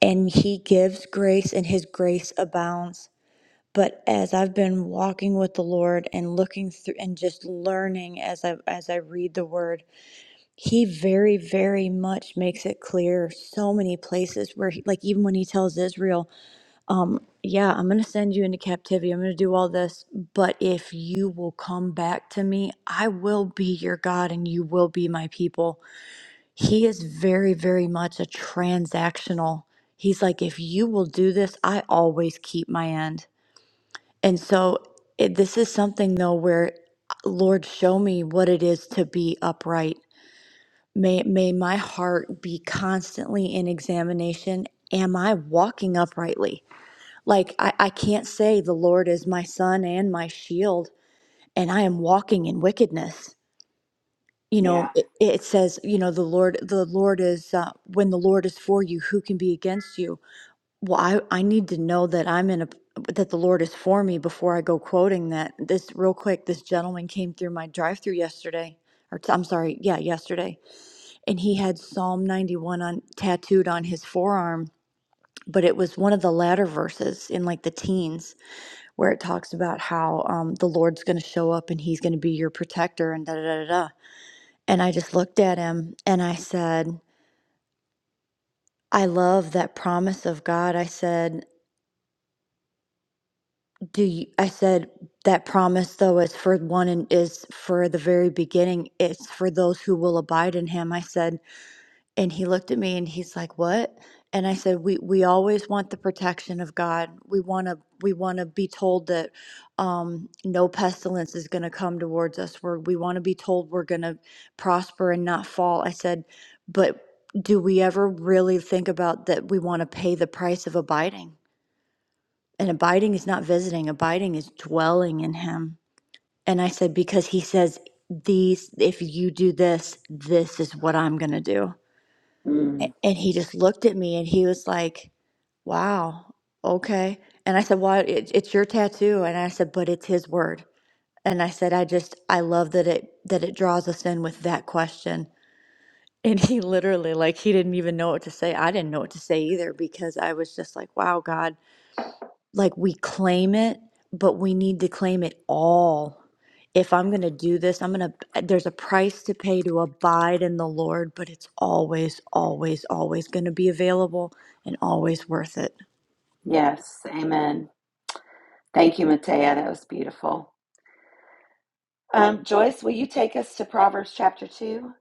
Speaker 8: and He gives grace and His grace abounds. But as I've been walking with the Lord and looking through and just learning as I as I read the Word, He very very much makes it clear so many places where he, like even when He tells Israel Um, Yeah, I'm going to send you into captivity. I'm going to do all this. But if you will come back to me, I will be your God and you will be my people. He is very, very much a transactional. He's like, if you will do this, I always keep my end. And so it, this is something, though, where Lord, show me what it is to be upright. May, may my heart be constantly in examination. Am I walking uprightly? Like, I, I can't say the Lord is my sun and my shield, and I am walking in wickedness. You
Speaker 1: Yeah.
Speaker 8: know, it, it says, you know, the Lord, the Lord is, uh, when the Lord is for you, who can be against you? Well, I, I need to know that I'm in a, that the Lord is for me before I go quoting that. This, real quick, this gentleman came through my drive through yesterday, or t- I'm sorry, yeah, yesterday, and he had Psalm 91 on tattooed on his forearm, but it was one of the latter verses in like the teens where it talks about how um, the Lord's going to show up and he's going to be your protector and da da da da. da. And I just looked at him and I said, I love that promise of God. I said, do you, I said that promise though is for one and is for the very beginning. It's for those who will abide in him. I said, And he looked at me and he's like, "What?" And I said, "We we always want the protection of God. We want to we want to be told that um, no pestilence is going to come towards us. We're, we want to be told we're going to prosper and not fall." I said, "But do we ever really think about that we want to pay the price of abiding? And abiding is not visiting. Abiding is dwelling in Him." And I said, "Because He says." These, if you do this, this is what I'm going to do.
Speaker 1: Mm.
Speaker 8: A- And he just looked at me and he was like, wow, okay. And I said, well, it, it's your tattoo. And I said, but it's his word. And I said, I just, I love that it, that it draws us in with that question. And he literally, like, he didn't even know what to say. I didn't know what to say either because I was just like, wow, God like we claim it, but we need to claim it all. If I'm going to do this, I'm going to, there's a price to pay to abide in the Lord, but it's always, always, always going to be available and always worth it.
Speaker 1: Yes. Amen. Thank you, Matea. That was beautiful. Um, Joyce, will you take us to Proverbs chapter 2?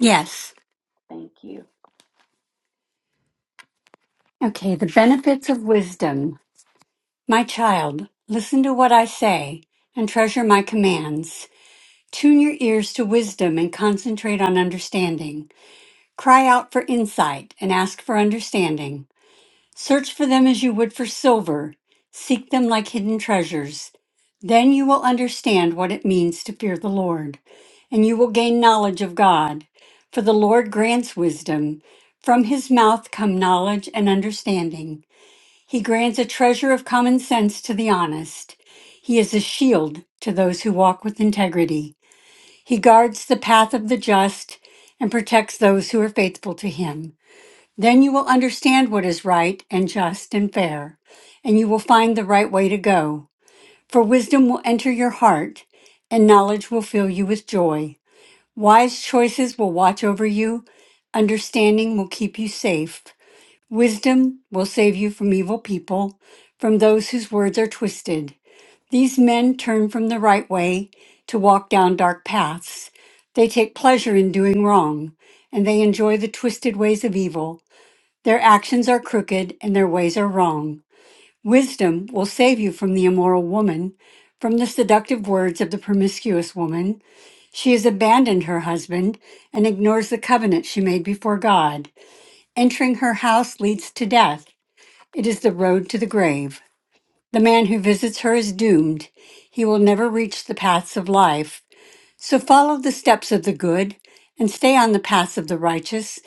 Speaker 9: Yes.
Speaker 1: Thank you.
Speaker 9: Okay, the benefits of wisdom. My child, listen to what I say and treasure my commands. Tune your ears to wisdom and concentrate on understanding. Cry out for insight and ask for understanding. Search for them as you would for silver. Seek them like hidden treasures. Then you will understand what it means to fear the Lord, and you will gain knowledge of God. For the Lord grants wisdom. From his mouth come knowledge and understanding. He grants a treasure of common sense to the honest. He is a shield to those who walk with integrity. He guards the path of the just and protects those who are faithful to him. Then you will understand what is right and just and fair, and you will find the right way to go. For wisdom will enter your heart, and knowledge will fill you with joy. Wise choices will watch over you, understanding will keep you safe. Wisdom will save you from evil people, from those whose words are twisted. These men turn from the right way to walk down dark paths. They take pleasure in doing wrong, and they enjoy the twisted ways of evil. Their actions are crooked, and their ways are wrong. Wisdom will save you from the immoral woman, from the seductive words of the promiscuous woman. She has abandoned her husband and ignores the covenant she made before God. Entering her house leads to death. It is the road to the grave. The man who visits her is doomed. He will never reach the paths of life. So follow the steps of the good and stay on the paths of the righteous,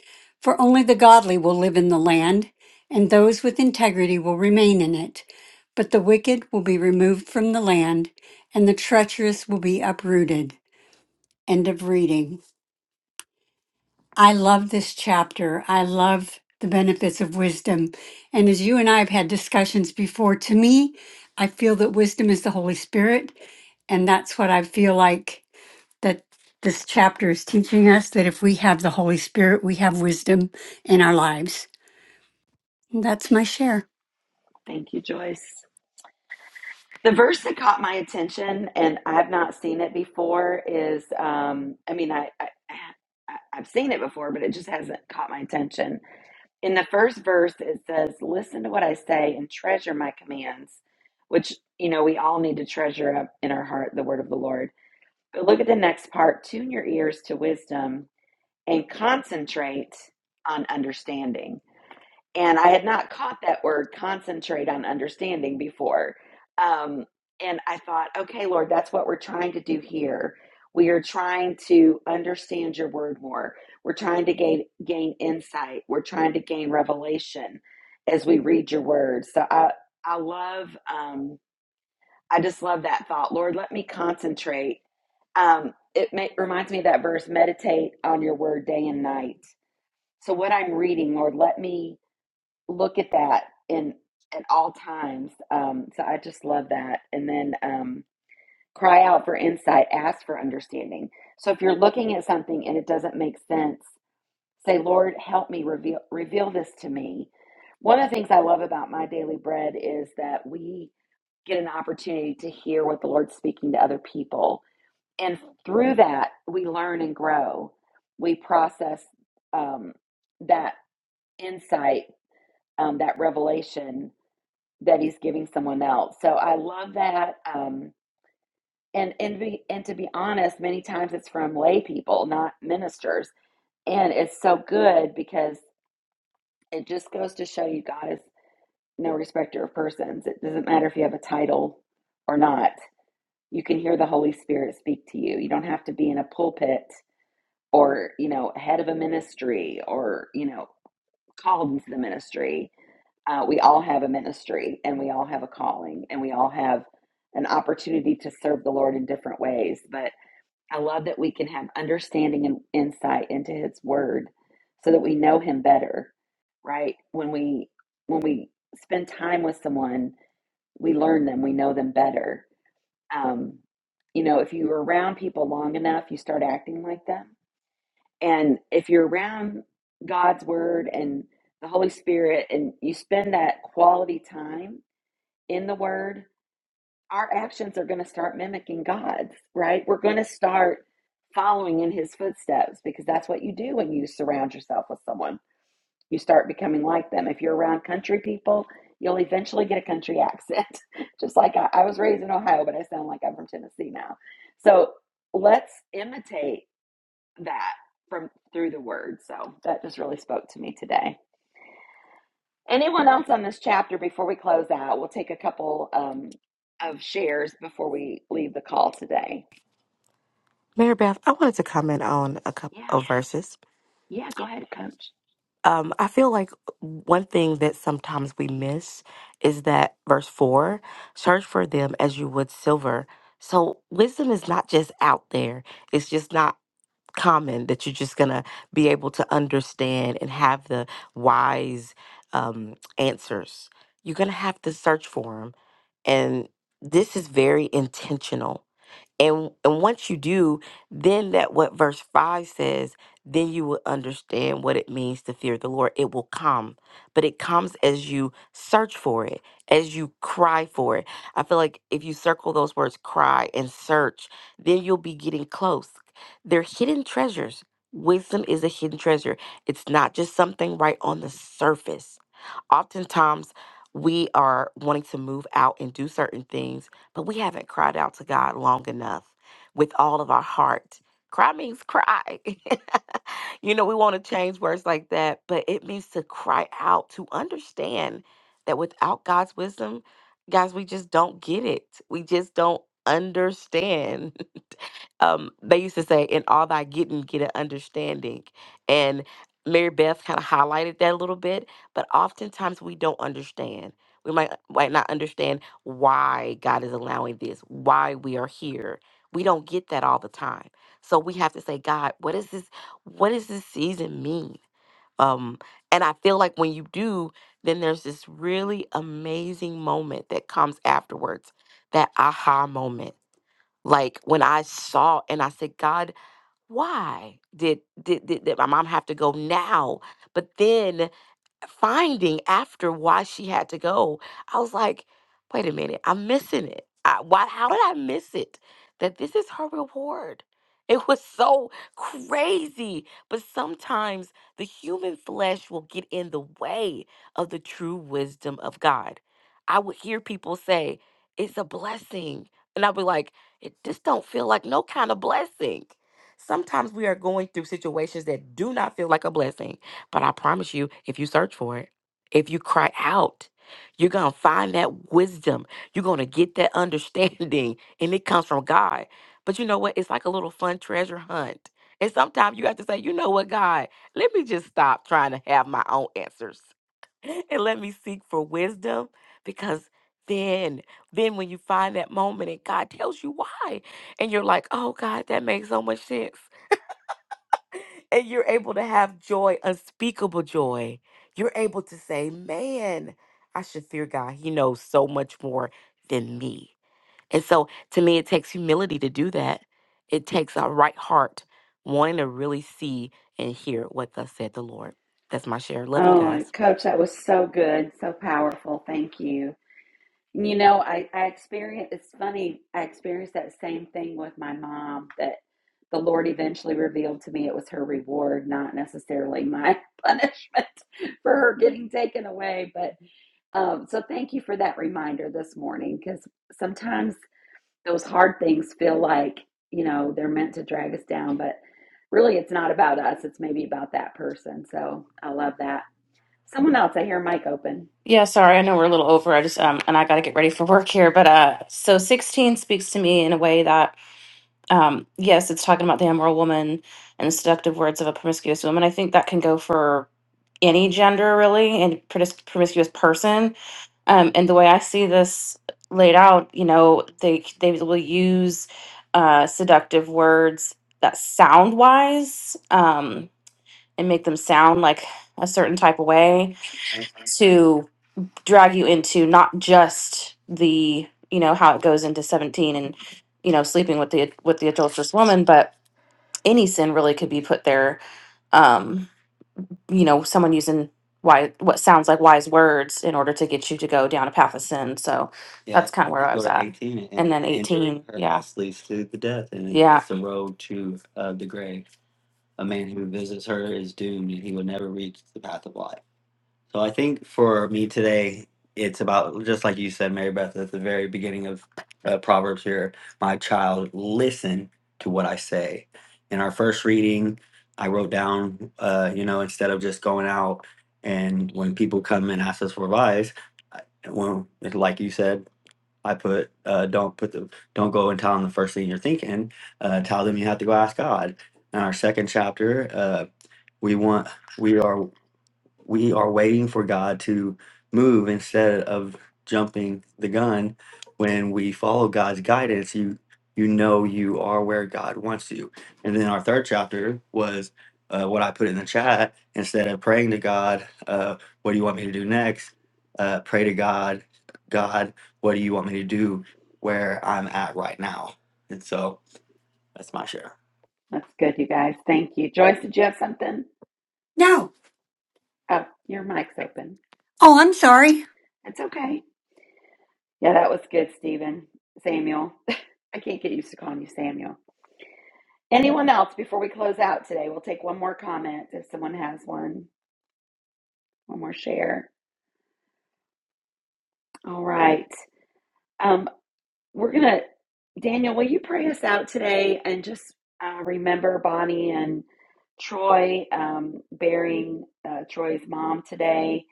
Speaker 9: for only the godly will live in the land, and those with integrity will remain in it. But the wicked will be removed from the land, and the treacherous will be uprooted. End of reading. I love this chapter. I love the benefits of wisdom. And as you and I have had discussions before, to me, I feel that wisdom is the Holy Spirit. And that's what I feel like that this chapter is teaching us that if we have the Holy Spirit, we have wisdom in our lives. And that's my share.
Speaker 1: Thank you, Joyce. The verse that caught my attention, and I've not seen it before, is um, I mean, I, I, I- I've seen it before, but it just hasn't caught my attention. In the first verse, it says, Listen to what I say and treasure my commands, which, you know, we all need to treasure up in our heart the word of the Lord. But look at the next part tune your ears to wisdom and concentrate on understanding and I had not caught that word concentrate on understanding before. Um, and I thought, okay, Lord, that's what we're trying to do here. We are trying to understand your word more. We're trying to gain gain insight. We're trying to gain revelation as we read your word. So I I love um, I just love that thought. Lord, let me concentrate. Um, it may, reminds me of that verse, meditate on your word day and night. So what I'm reading, Lord, let me look at that in at all times. Um, so I just love that. And then um, cry out for insight, ask for understanding. So if you're looking at something and it doesn't make sense, say, Lord, help me reveal reveal this to me. One of the things I love about my daily bread is that we get an opportunity to hear what the Lord's speaking to other people, and through that we learn and grow. We process um, that insight, um, that revelation that he's giving someone else. So I love that. Um, and and be, and to be honest, many times it's from lay people, not ministers, and it's so good because it just goes to show you God is no respecter of persons. It doesn't matter if you have a title or not. You can hear the Holy Spirit speak to you. You don't have to be in a pulpit or you know head of a ministry or you know called into the ministry. Uh, we all have a ministry and we all have a calling and we all have an opportunity to serve the Lord in different ways. But I love that we can have understanding and insight into His Word so that we know Him better, right? When we when we spend time with someone, we learn them, we know them better. Um, you know, if you're around people long enough, you start acting like them and if you're around God's word and the Holy Spirit and you spend that quality time in the word, our actions are going to start mimicking God's, right? We're going to start following in his footsteps because that's what you do when you surround yourself with someone. You start becoming like them. If you're around country people, you'll eventually get a country accent. [LAUGHS] Just like I, I was raised in Ohio, but I sound like I'm from Tennessee now. So let's imitate that from through the word. So that just really spoke to me today. Anyone else on this chapter before we close out? We'll take a couple um, of shares before we leave the call today.
Speaker 4: Mary Beth, I wanted to comment on a couple
Speaker 1: Yeah.
Speaker 4: of verses.
Speaker 1: Yeah. Go ahead, coach.
Speaker 4: Um, I feel like one thing that sometimes we miss is that verse four search for them as you would silver. So, wisdom is not just out there, it's just not common that you're just going to be able to understand and have the wise um, answers. You're going to have to search for them. And this is very intentional and and once you do, then that what verse 5 says, then you will understand what it means to fear the Lord. It will come, but it comes as you search for it, as you cry for it. I feel like if you circle those words cry and search, then you'll be getting close. They're hidden treasures. Wisdom is a hidden treasure. It's not just something right on the surface Oftentimes, we are wanting to move out and do certain things, but we haven't cried out to God long enough with all of our heart. Cry means cry. [LAUGHS] you know, we want to change words like that, but it means to cry out, to understand that without God's wisdom, guys, we just don't get it. We just don't understand. [LAUGHS] um, they used to say, in all thy getting, get an understanding. And Mary Beth kind of highlighted that a little bit, but oftentimes we don't understand. We might, might not understand why God is allowing this, why we are here. We don't get that all the time. So we have to say, God, what is this? What does this season mean? Um, and I feel like when you do, then there's this really amazing moment that comes afterwards, that aha moment like when i saw and i said god why did did, did, did my mom have to go now but then finding after why she had to go, I was like, wait a minute, I'm missing it. I, why? How did I miss it? That this is her reward. [LAUGHS] It was so crazy. But sometimes the human flesh will get in the way of the true wisdom of God. I would hear people say, it's a blessing. And I'd be like, it just don't feel like no kind of blessing. Sometimes we are going through situations that do not feel like a blessing but I promise you, if you search for it, if you cry out, you're going to find that wisdom. You're going to get that understanding, [LAUGHS] and it comes from God. But you know what? It's like a little fun treasure hunt. And sometimes you have to say, you know what, God, let me just stop trying to have my own answers [LAUGHS] and let me seek for wisdom because then then when you find that moment and God tells you why and you're like oh God that makes so much sense and you're able to have joy, unspeakable joy. You're able to say, man, I should fear God. He knows so much more than me. And so to me, it takes humility to do that. It takes a right heart wanting to really see and hear what thus said the Lord. That's my share. Love you
Speaker 1: Oh,
Speaker 4: guys.
Speaker 1: Coach, that was so good, so powerful. Thank you. And You know, I, I experienced, it's funny, I experienced that same thing with my mom that the Lord eventually revealed to me it was her reward, not necessarily my [LAUGHS] punishment for her getting taken away. but. Um, so thank you for that reminder this morning because sometimes those hard things feel like, you know, they're meant to drag us down, but really it's not about us. It's maybe about that person. So I love that. Someone else, I hear a mic open.
Speaker 6: Yeah, sorry, I know we're a little over. I just um and I got to get ready for work here, but uh so 16 speaks to me in a way that um, yes, it's talking about the immoral woman and the seductive words of a promiscuous woman. I think that can go for any gender, really, and promis- promiscuous person. Um, and the way I see this laid out, you know, they they will use uh, seductive words that sound wise um, and make them sound like a certain type of way to drag you into not just the you know how it goes into 17 and you know sleeping with the with the adulterous woman but any sin really could be put there um you know someone using why what sounds like wise words in order to get you to go down a path of sin so Yeah, that's kind of where you i go was go to at 18, it and then entering 18 yeah house leads to the death, and yeah is the road to uh, the grave. A man who visits her is doomed, and he will never reach the path of life. So I think for me today, it's about just like you said, Mary Beth, at the very beginning of uh, Proverbs here. My child, listen to what I say. In our first reading, I wrote down, uh, you know, instead of just going out and when people come and ask us for advice, I- when like you said, I put uh, don't put the don't go and tell them the first thing you're thinking. Uh, tell them you have to go ask God. In our second chapter, uh, we want we are we are waiting for God to move instead of jumping the gun. When we follow God's guidance, you you know you are where God wants you. And then our third chapter was uh, what I put in the chat. Instead of praying to God, uh, what do you want me to do next? Uh, pray to God, God, what do you want me to do where I'm at right now? And so that's my share.
Speaker 1: That's good, you guys. Thank you. Joyce, did you have something?
Speaker 9: No.
Speaker 1: Oh, your mic's open.
Speaker 9: Oh, I'm sorry.
Speaker 1: It's okay. Yeah, that was good, Stephen. Samuel. [LAUGHS] I can't get used to calling you Samuel. Anyone else before we close out today? We'll take one more comment if someone has one, one more share. All right. Um, we're going to, Daniel, will you pray us out today and just uh, remember Bonnie and Troy um, bearing uh, Troy's mom today?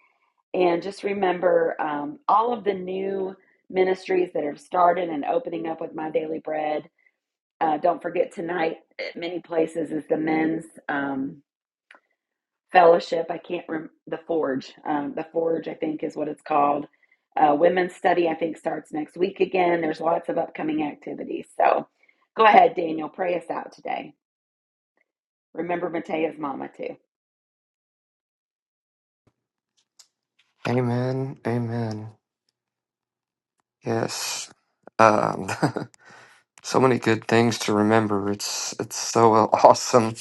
Speaker 1: And just remember um, all of the new ministries that have started and opening up with My Daily Bread Uh, don't forget tonight at many places is the men's um, fellowship. I can't remember the Forge. Um, the Forge, I think, is what it's called. Uh, women's study, I think, starts next week again. There's lots of upcoming activities. So go ahead, Daniel, pray us out today. Remember Matea's mama too.
Speaker 10: Amen. Amen. Yes. Um, [LAUGHS] so many good things to remember. It's it's so well [LAUGHS] awesome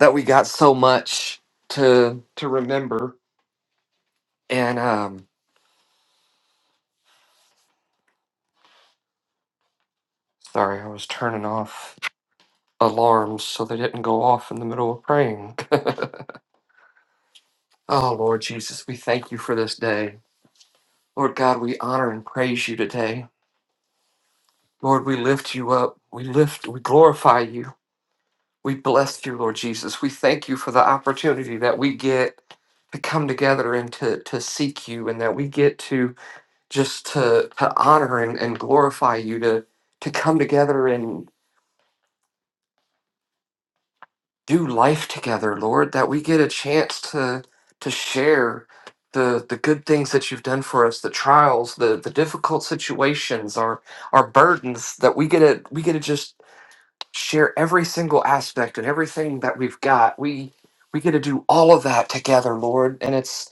Speaker 10: that we got so much to to remember. And um, sorry, I was turning off alarms so they didn't go off in the middle of praying. Oh Lord Jesus, we thank you for this day. Lord God, we honor and praise you today. Lord, we lift you up. We lift, we glorify you. We bless you, Lord Jesus. We thank you for the opportunity that we get to come together and to, to seek you and that we get to just to, to honor and, and glorify you, to, to come together and do life together, Lord, that we get a chance to to share the the good things that you've done for us, the trials, the the difficult situations, our our burdens, that we get to we get to just share every single aspect and everything that we've got. We we get to do all of that together, Lord, and it's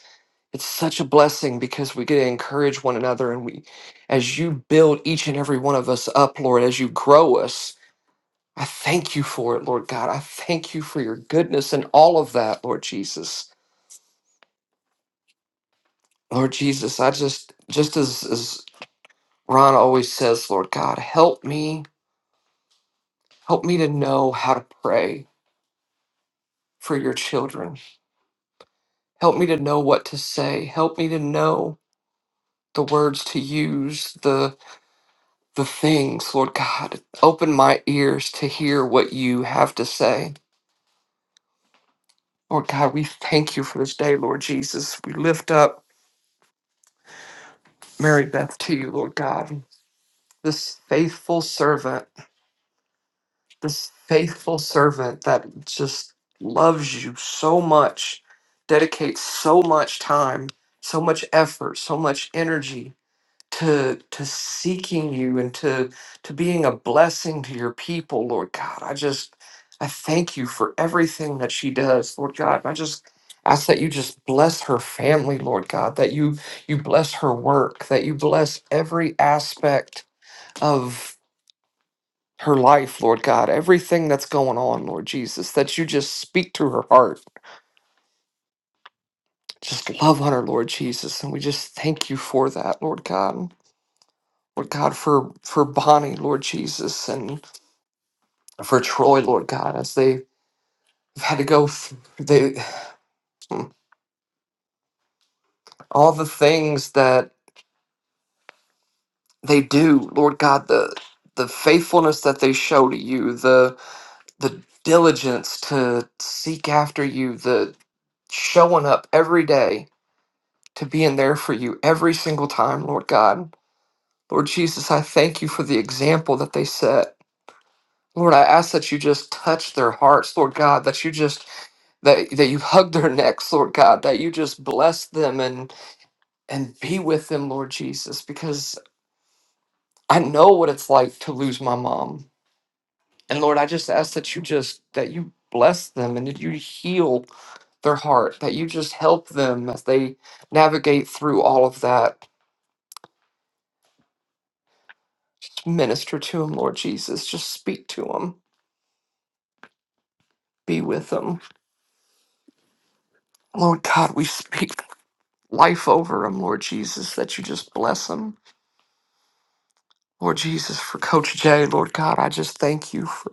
Speaker 10: it's such a blessing because we get to encourage one another and we as you build each and every one of us up, Lord, as you grow us. I thank you for it, Lord God. I thank you for your goodness and all of that, Lord Jesus. Lord Jesus, I just just as as Ron always says, Lord God, help me, help me to know how to pray for your children. help me to know what to say help me to know the words to use the the things lord god open my ears to hear what you have to say lord god we thank you for this day lord jesus we lift up mary beth to you lord god this faithful servant this faithful servant that just loves you so much dedicates so much time so much effort so much energy to to seeking you and to to being a blessing to your people lord god i just i thank you for everything that she does lord god i just ask that you just bless her family lord god that you you bless her work that you bless every aspect of her life lord god everything that's going on lord jesus that you just speak to her heart just love on her lord jesus and we just thank you for that lord god lord god for for bonnie lord jesus and for Troy, Lord God, as they've had to go through they, all the things that they do, Lord God, the the faithfulness that they show to you, the the diligence to seek after you, the showing up every day to being there for you every single time, Lord God. Lord Jesus, I thank you for the example that they set. Lord, I ask that you just touch their hearts, Lord God, that you just that that you hug their [LAUGHS] necks, Lord God, that you just bless them and. and be with them, Lord Jesus, because I know what it's like to lose my mom. And Lord, I just ask that you just that you bless them and that you heal their heart, that you just help them as they navigate through all of that. Minister to them, Lord Jesus. Just speak to them. Be with them. Lord God, we speak life over them, Lord Jesus, that you just bless them. Lord Jesus, for Coach Jay, Lord God, I just thank you for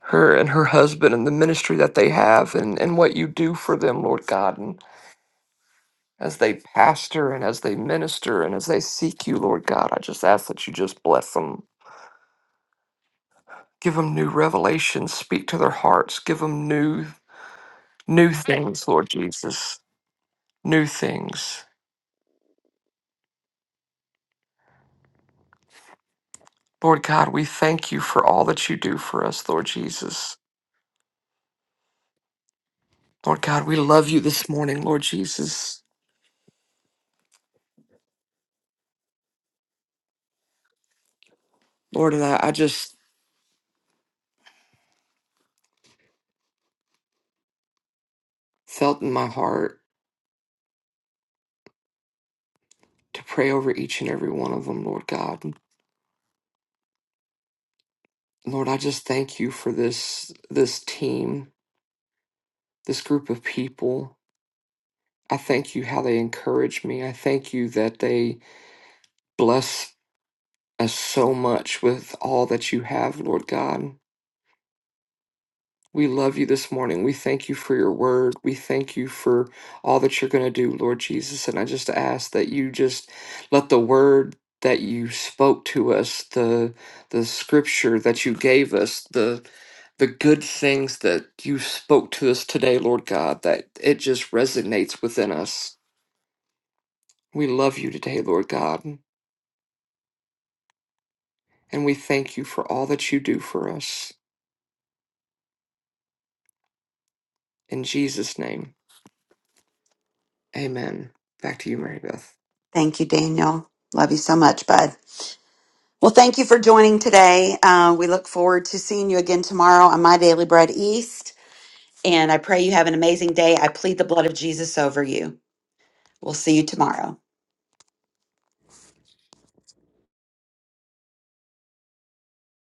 Speaker 10: her and her husband and the ministry that they have and, and what you do for them, Lord God. And as they pastor and as they minister and as they seek you, Lord God, I just ask that you just bless them. Give them new revelations, speak to their hearts, give them new new things, Lord Jesus. New things. Lord God, we thank you for all that you do for us, Lord Jesus. Lord God, we love you this morning, Lord Jesus. Lord, and I, I just felt in my heart to pray over each and every one of them, Lord God. Lord, I just thank you for this this team, this group of people. I thank you how they encourage me. I thank you that they bless us so much with all that you have, Lord God. We love you this morning. We thank you for your word. We thank you for all that you're going to do, Lord Jesus. And I just ask that you just let the word that you spoke to us, the the scripture that you gave us, the the good things that you spoke to us today, Lord God, that it just resonates within us. We love you today, Lord God, and we thank you for all that you do for us. In Jesus' name, amen. Back to you, Mary Beth.
Speaker 1: Thank you, Daniel. Love you so much, bud. Well, thank you for joining today. Uh, we look forward to seeing you again tomorrow on My Daily Bread East. And I pray you have an amazing day. I plead the blood of Jesus over you. We'll see you tomorrow.